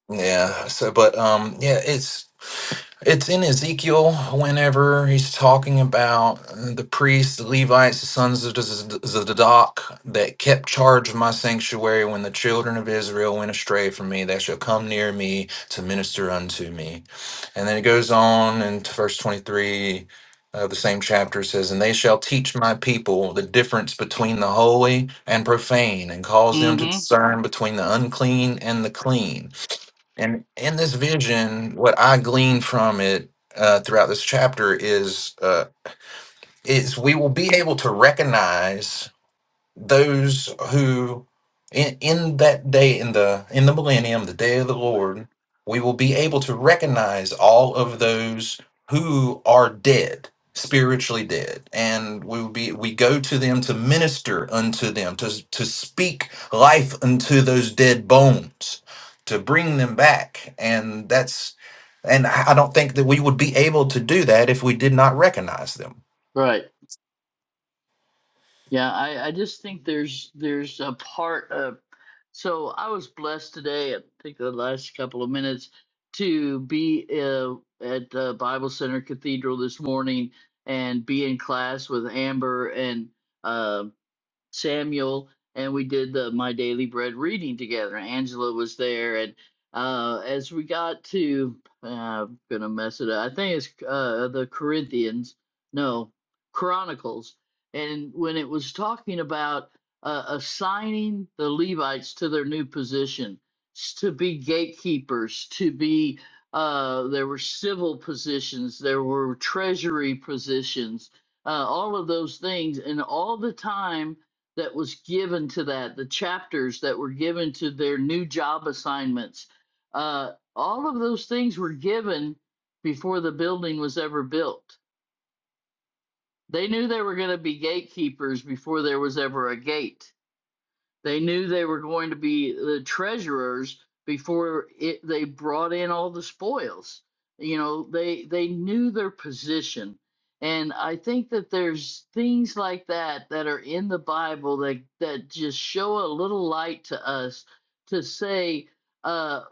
S4: Yeah. So, but um, yeah, it's it's in Ezekiel whenever he's talking about uh, the priests, the Levites, the sons of Z- Zadok that kept charge of my sanctuary when the children of Israel went astray from me. They shall come near me to minister unto me. And then it goes on in t- verse 23 of the same chapter it says, And they shall teach my people the difference between the holy and profane, and cause them to
S1: Mm-hmm.
S4: discern between the unclean and the clean and in this vision, what I glean from it uh, throughout this chapter is uh, is we will be able to recognize those who in, in that day in the in the millennium the day of the lord we will be able to recognize all of those who are dead spiritually dead and we will be we go to them to minister unto them to to speak life unto those dead bones to bring them back and that's and i I don't think that we would be able to do that if we did not recognize them
S1: Right. Yeah, I, I just think there's there's a part of so I was blessed today, I think the last couple of minutes, to be uh, at the Bible Center Cathedral this morning and be in class with Amber and uh, Samuel and we did the My Daily Bread reading together. Angela was there, and uh, as we got to, uh, I'm gonna mess it up. I think it's uh, the Corinthians, no, Chronicles, and when it was talking about uh, assigning the Levites to their new position s- to be gatekeepers, to be uh, there were civil positions, there were treasury positions, uh, all of those things, and all the time that was given to that, the chapters that were given to their new job assignments, uh, all of those things were given before the building was ever built. They knew they were going to be gatekeepers before there was ever a gate. They knew they were going to be the treasurers before it, they brought in all the spoils. You know, they they knew their position, and I think that there's things like that that are in the Bible that that just show a little light to us to say uh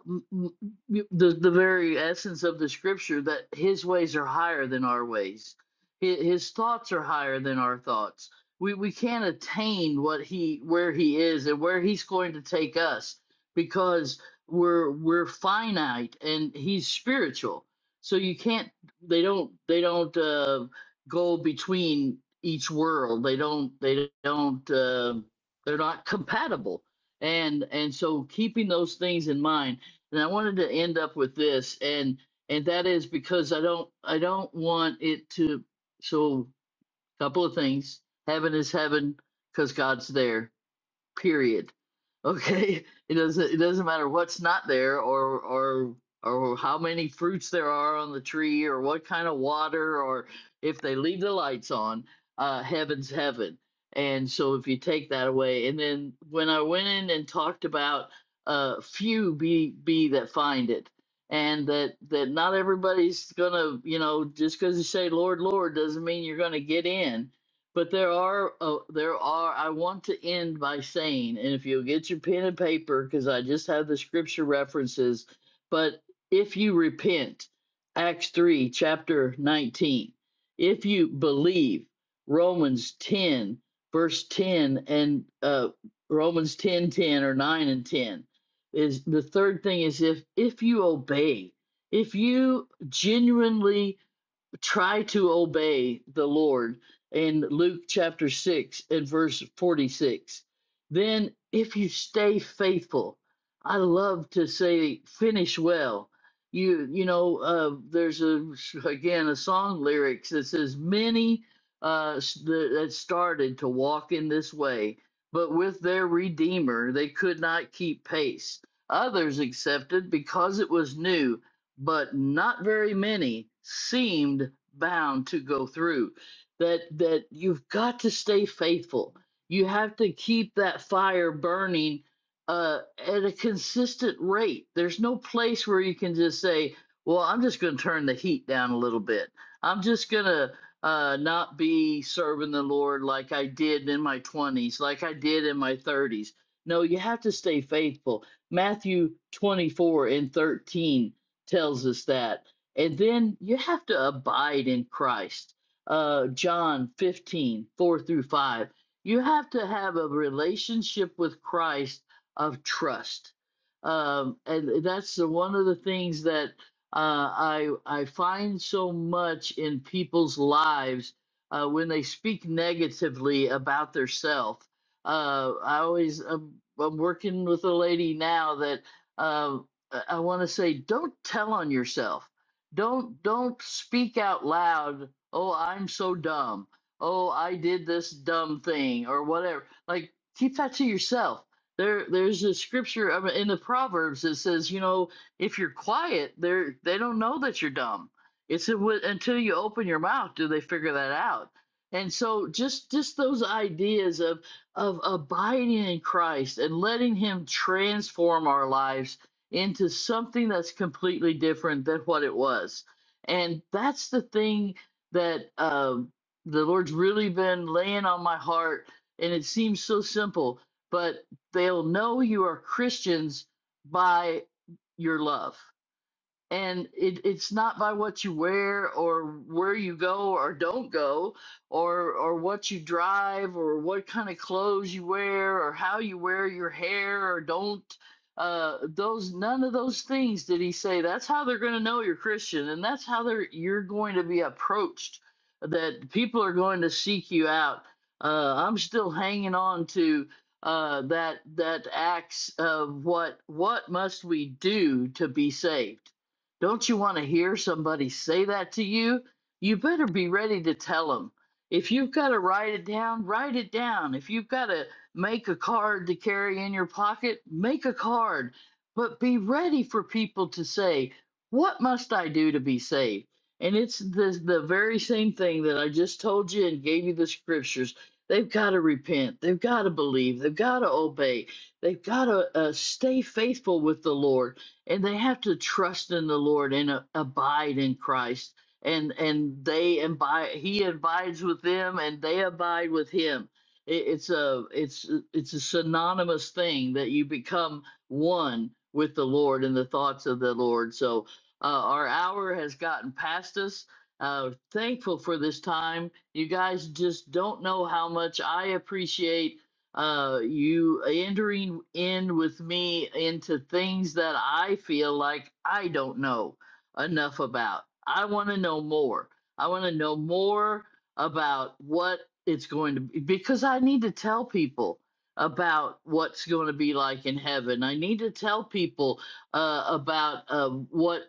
S1: the the very essence of the scripture that his ways are higher than our ways hi- his thoughts are higher than our thoughts we we can't attain what he where he is and where he's going to take us because we're we're finite and he's spiritual so you can't they don't they don't uh, go between each world they don't they don't uh, they're not compatible and and so keeping those things in mind and i wanted to end up with this and and that is because i don't i don't want it to so Couple of things. Heaven is heaven because God's there. Period. [LAUGHS] Okay. It doesn't it doesn't matter what's not there or or or how many fruits there are on the tree or what kind of water or if they leave the lights on, uh heaven's heaven. And so if you take that away and then when I went in and talked about uh few be be that find it and that that not everybody's gonna you know just because you say lord lord doesn't mean you're gonna get in but there are, uh, there are. I want to end by saying, and if you'll get your pen and paper, because I just have the scripture references. But if you repent, Acts three, chapter nineteen. If you believe, Romans ten, verse ten, and uh, Romans ten, ten or nine and ten is the third thing is if if you obey, if you genuinely try to obey the Lord in Luke chapter 6 and verse 46. Then, if you stay faithful, I love to say, finish well. You, you know, uh, there's a again a song lyrics that says, "Many uh, s- that that started to walk in this way, but with their Redeemer they could not keep pace. Others accepted because it was new, but not very many seemed bound to go through that that you've got to stay faithful you have to keep that fire burning uh, at a consistent rate there's no place where you can just say well i'm just going to turn the heat down a little bit i'm just going to uh, not be serving the lord like i did in my 20s like i did in my 30s no you have to stay faithful matthew 24 and 13 tells us that. And then you have to abide in Christ. Uh, John 15 4 through 5. You have to have a relationship with Christ of trust. Um, and that's the, one of the things that uh, I, I find so much in people's lives uh, when they speak negatively about their self. Uh, I always, I'm, I'm working with a lady now that uh, I, I want to say, don't tell on yourself. Don't don't speak out loud. Oh, I'm so dumb. Oh, I did this dumb thing or whatever. Like keep that to yourself. There there's a scripture I mean, in the Proverbs that says, you know, if you're quiet, they are they don't know that you're dumb. It's a- wi- until you open your mouth do they figure that out. And so just just those ideas of of abiding in Christ and letting him transform our lives into something that's completely different than what it was. And that's the thing that um, the Lord's really been laying on my heart. And it seems so simple, but they'll know you are Christians by your love and it, it's not by what you wear or where you go or don't go or or what you drive or what kind of clothes you wear or how you wear your hair or don't uh those none of those things did he say that's how they're going to know you're christian and that's how they're you're going to be approached that people are going to seek you out uh i'm still hanging on to uh that that acts of what what must we do to be saved don't you want to hear somebody say that to you? You better be ready to tell them. If you've got to write it down, write it down. If you've got to make a card to carry in your pocket, make a card. But be ready for people to say, What must I do to be saved? And it's the, the very same thing that I just told you and gave you the scriptures. They've got to repent. They've got to believe. They've got to obey. They've got to uh, stay faithful with the Lord and they have to trust in the Lord and uh, abide in Christ. And and they abide, He abides with them, and they abide with Him. It, it's a it's it's a synonymous thing that you become one with the Lord and the thoughts of the Lord. So uh, our hour has gotten past us. Uh, thankful for this time. You guys just don't know how much I appreciate uh, you entering in with me into things that I feel like I don't know enough about. I want to know more. I want to know more about what it's going to be because I need to tell people about what's going to be like in heaven. I need to tell people uh, about uh, what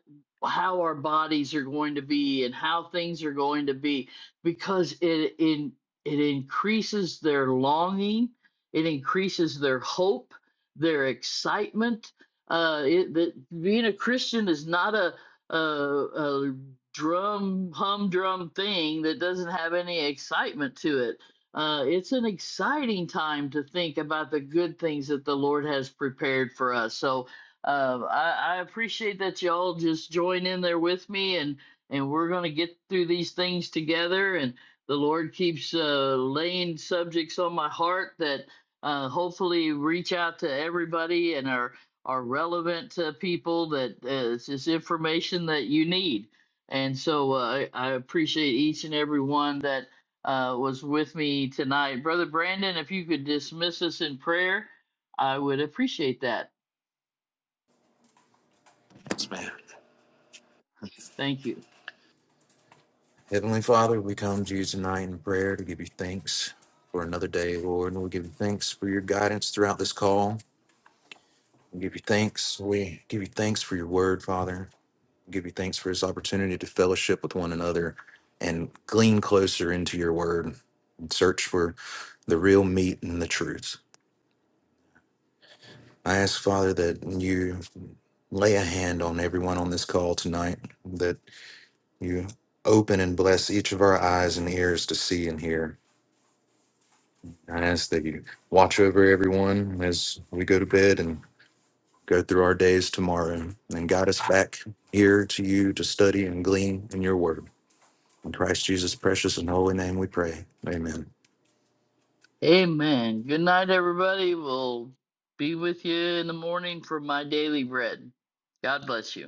S1: how our bodies are going to be and how things are going to be because it in it it increases their longing it increases their hope, their excitement. Uh, it, that being a Christian is not a, a, a drum humdrum thing that doesn't have any excitement to it. Uh, it's an exciting time to think about the good things that the Lord has prepared for us. So uh, I, I appreciate that y'all just join in there with me, and and we're going to get through these things together. And the Lord keeps uh, laying subjects on my heart that uh, hopefully reach out to everybody and are are relevant to people that uh, is is information that you need. And so uh, I, I appreciate each and every one that uh, was with me tonight, brother Brandon. If you could dismiss us in prayer, I would appreciate that. Thank you.
S4: Heavenly Father, we come to you tonight in prayer to give you thanks for another day, Lord. And we give you thanks for your guidance throughout this call. We give you thanks. We give you thanks for your word, Father. We give you thanks for this opportunity to fellowship with one another and glean closer into your word and search for the real meat and the truth. I ask, Father, that you lay a hand on everyone on this call tonight, that you open and bless each of our eyes and ears to see and hear. I ask that you watch over everyone as we go to bed and go through our days tomorrow and guide us back here to you to study and glean in your word. In Christ Jesus' precious and holy name we pray. Amen.
S1: Amen. Good night, everybody. We'll be with you in the morning for my daily bread. God bless you.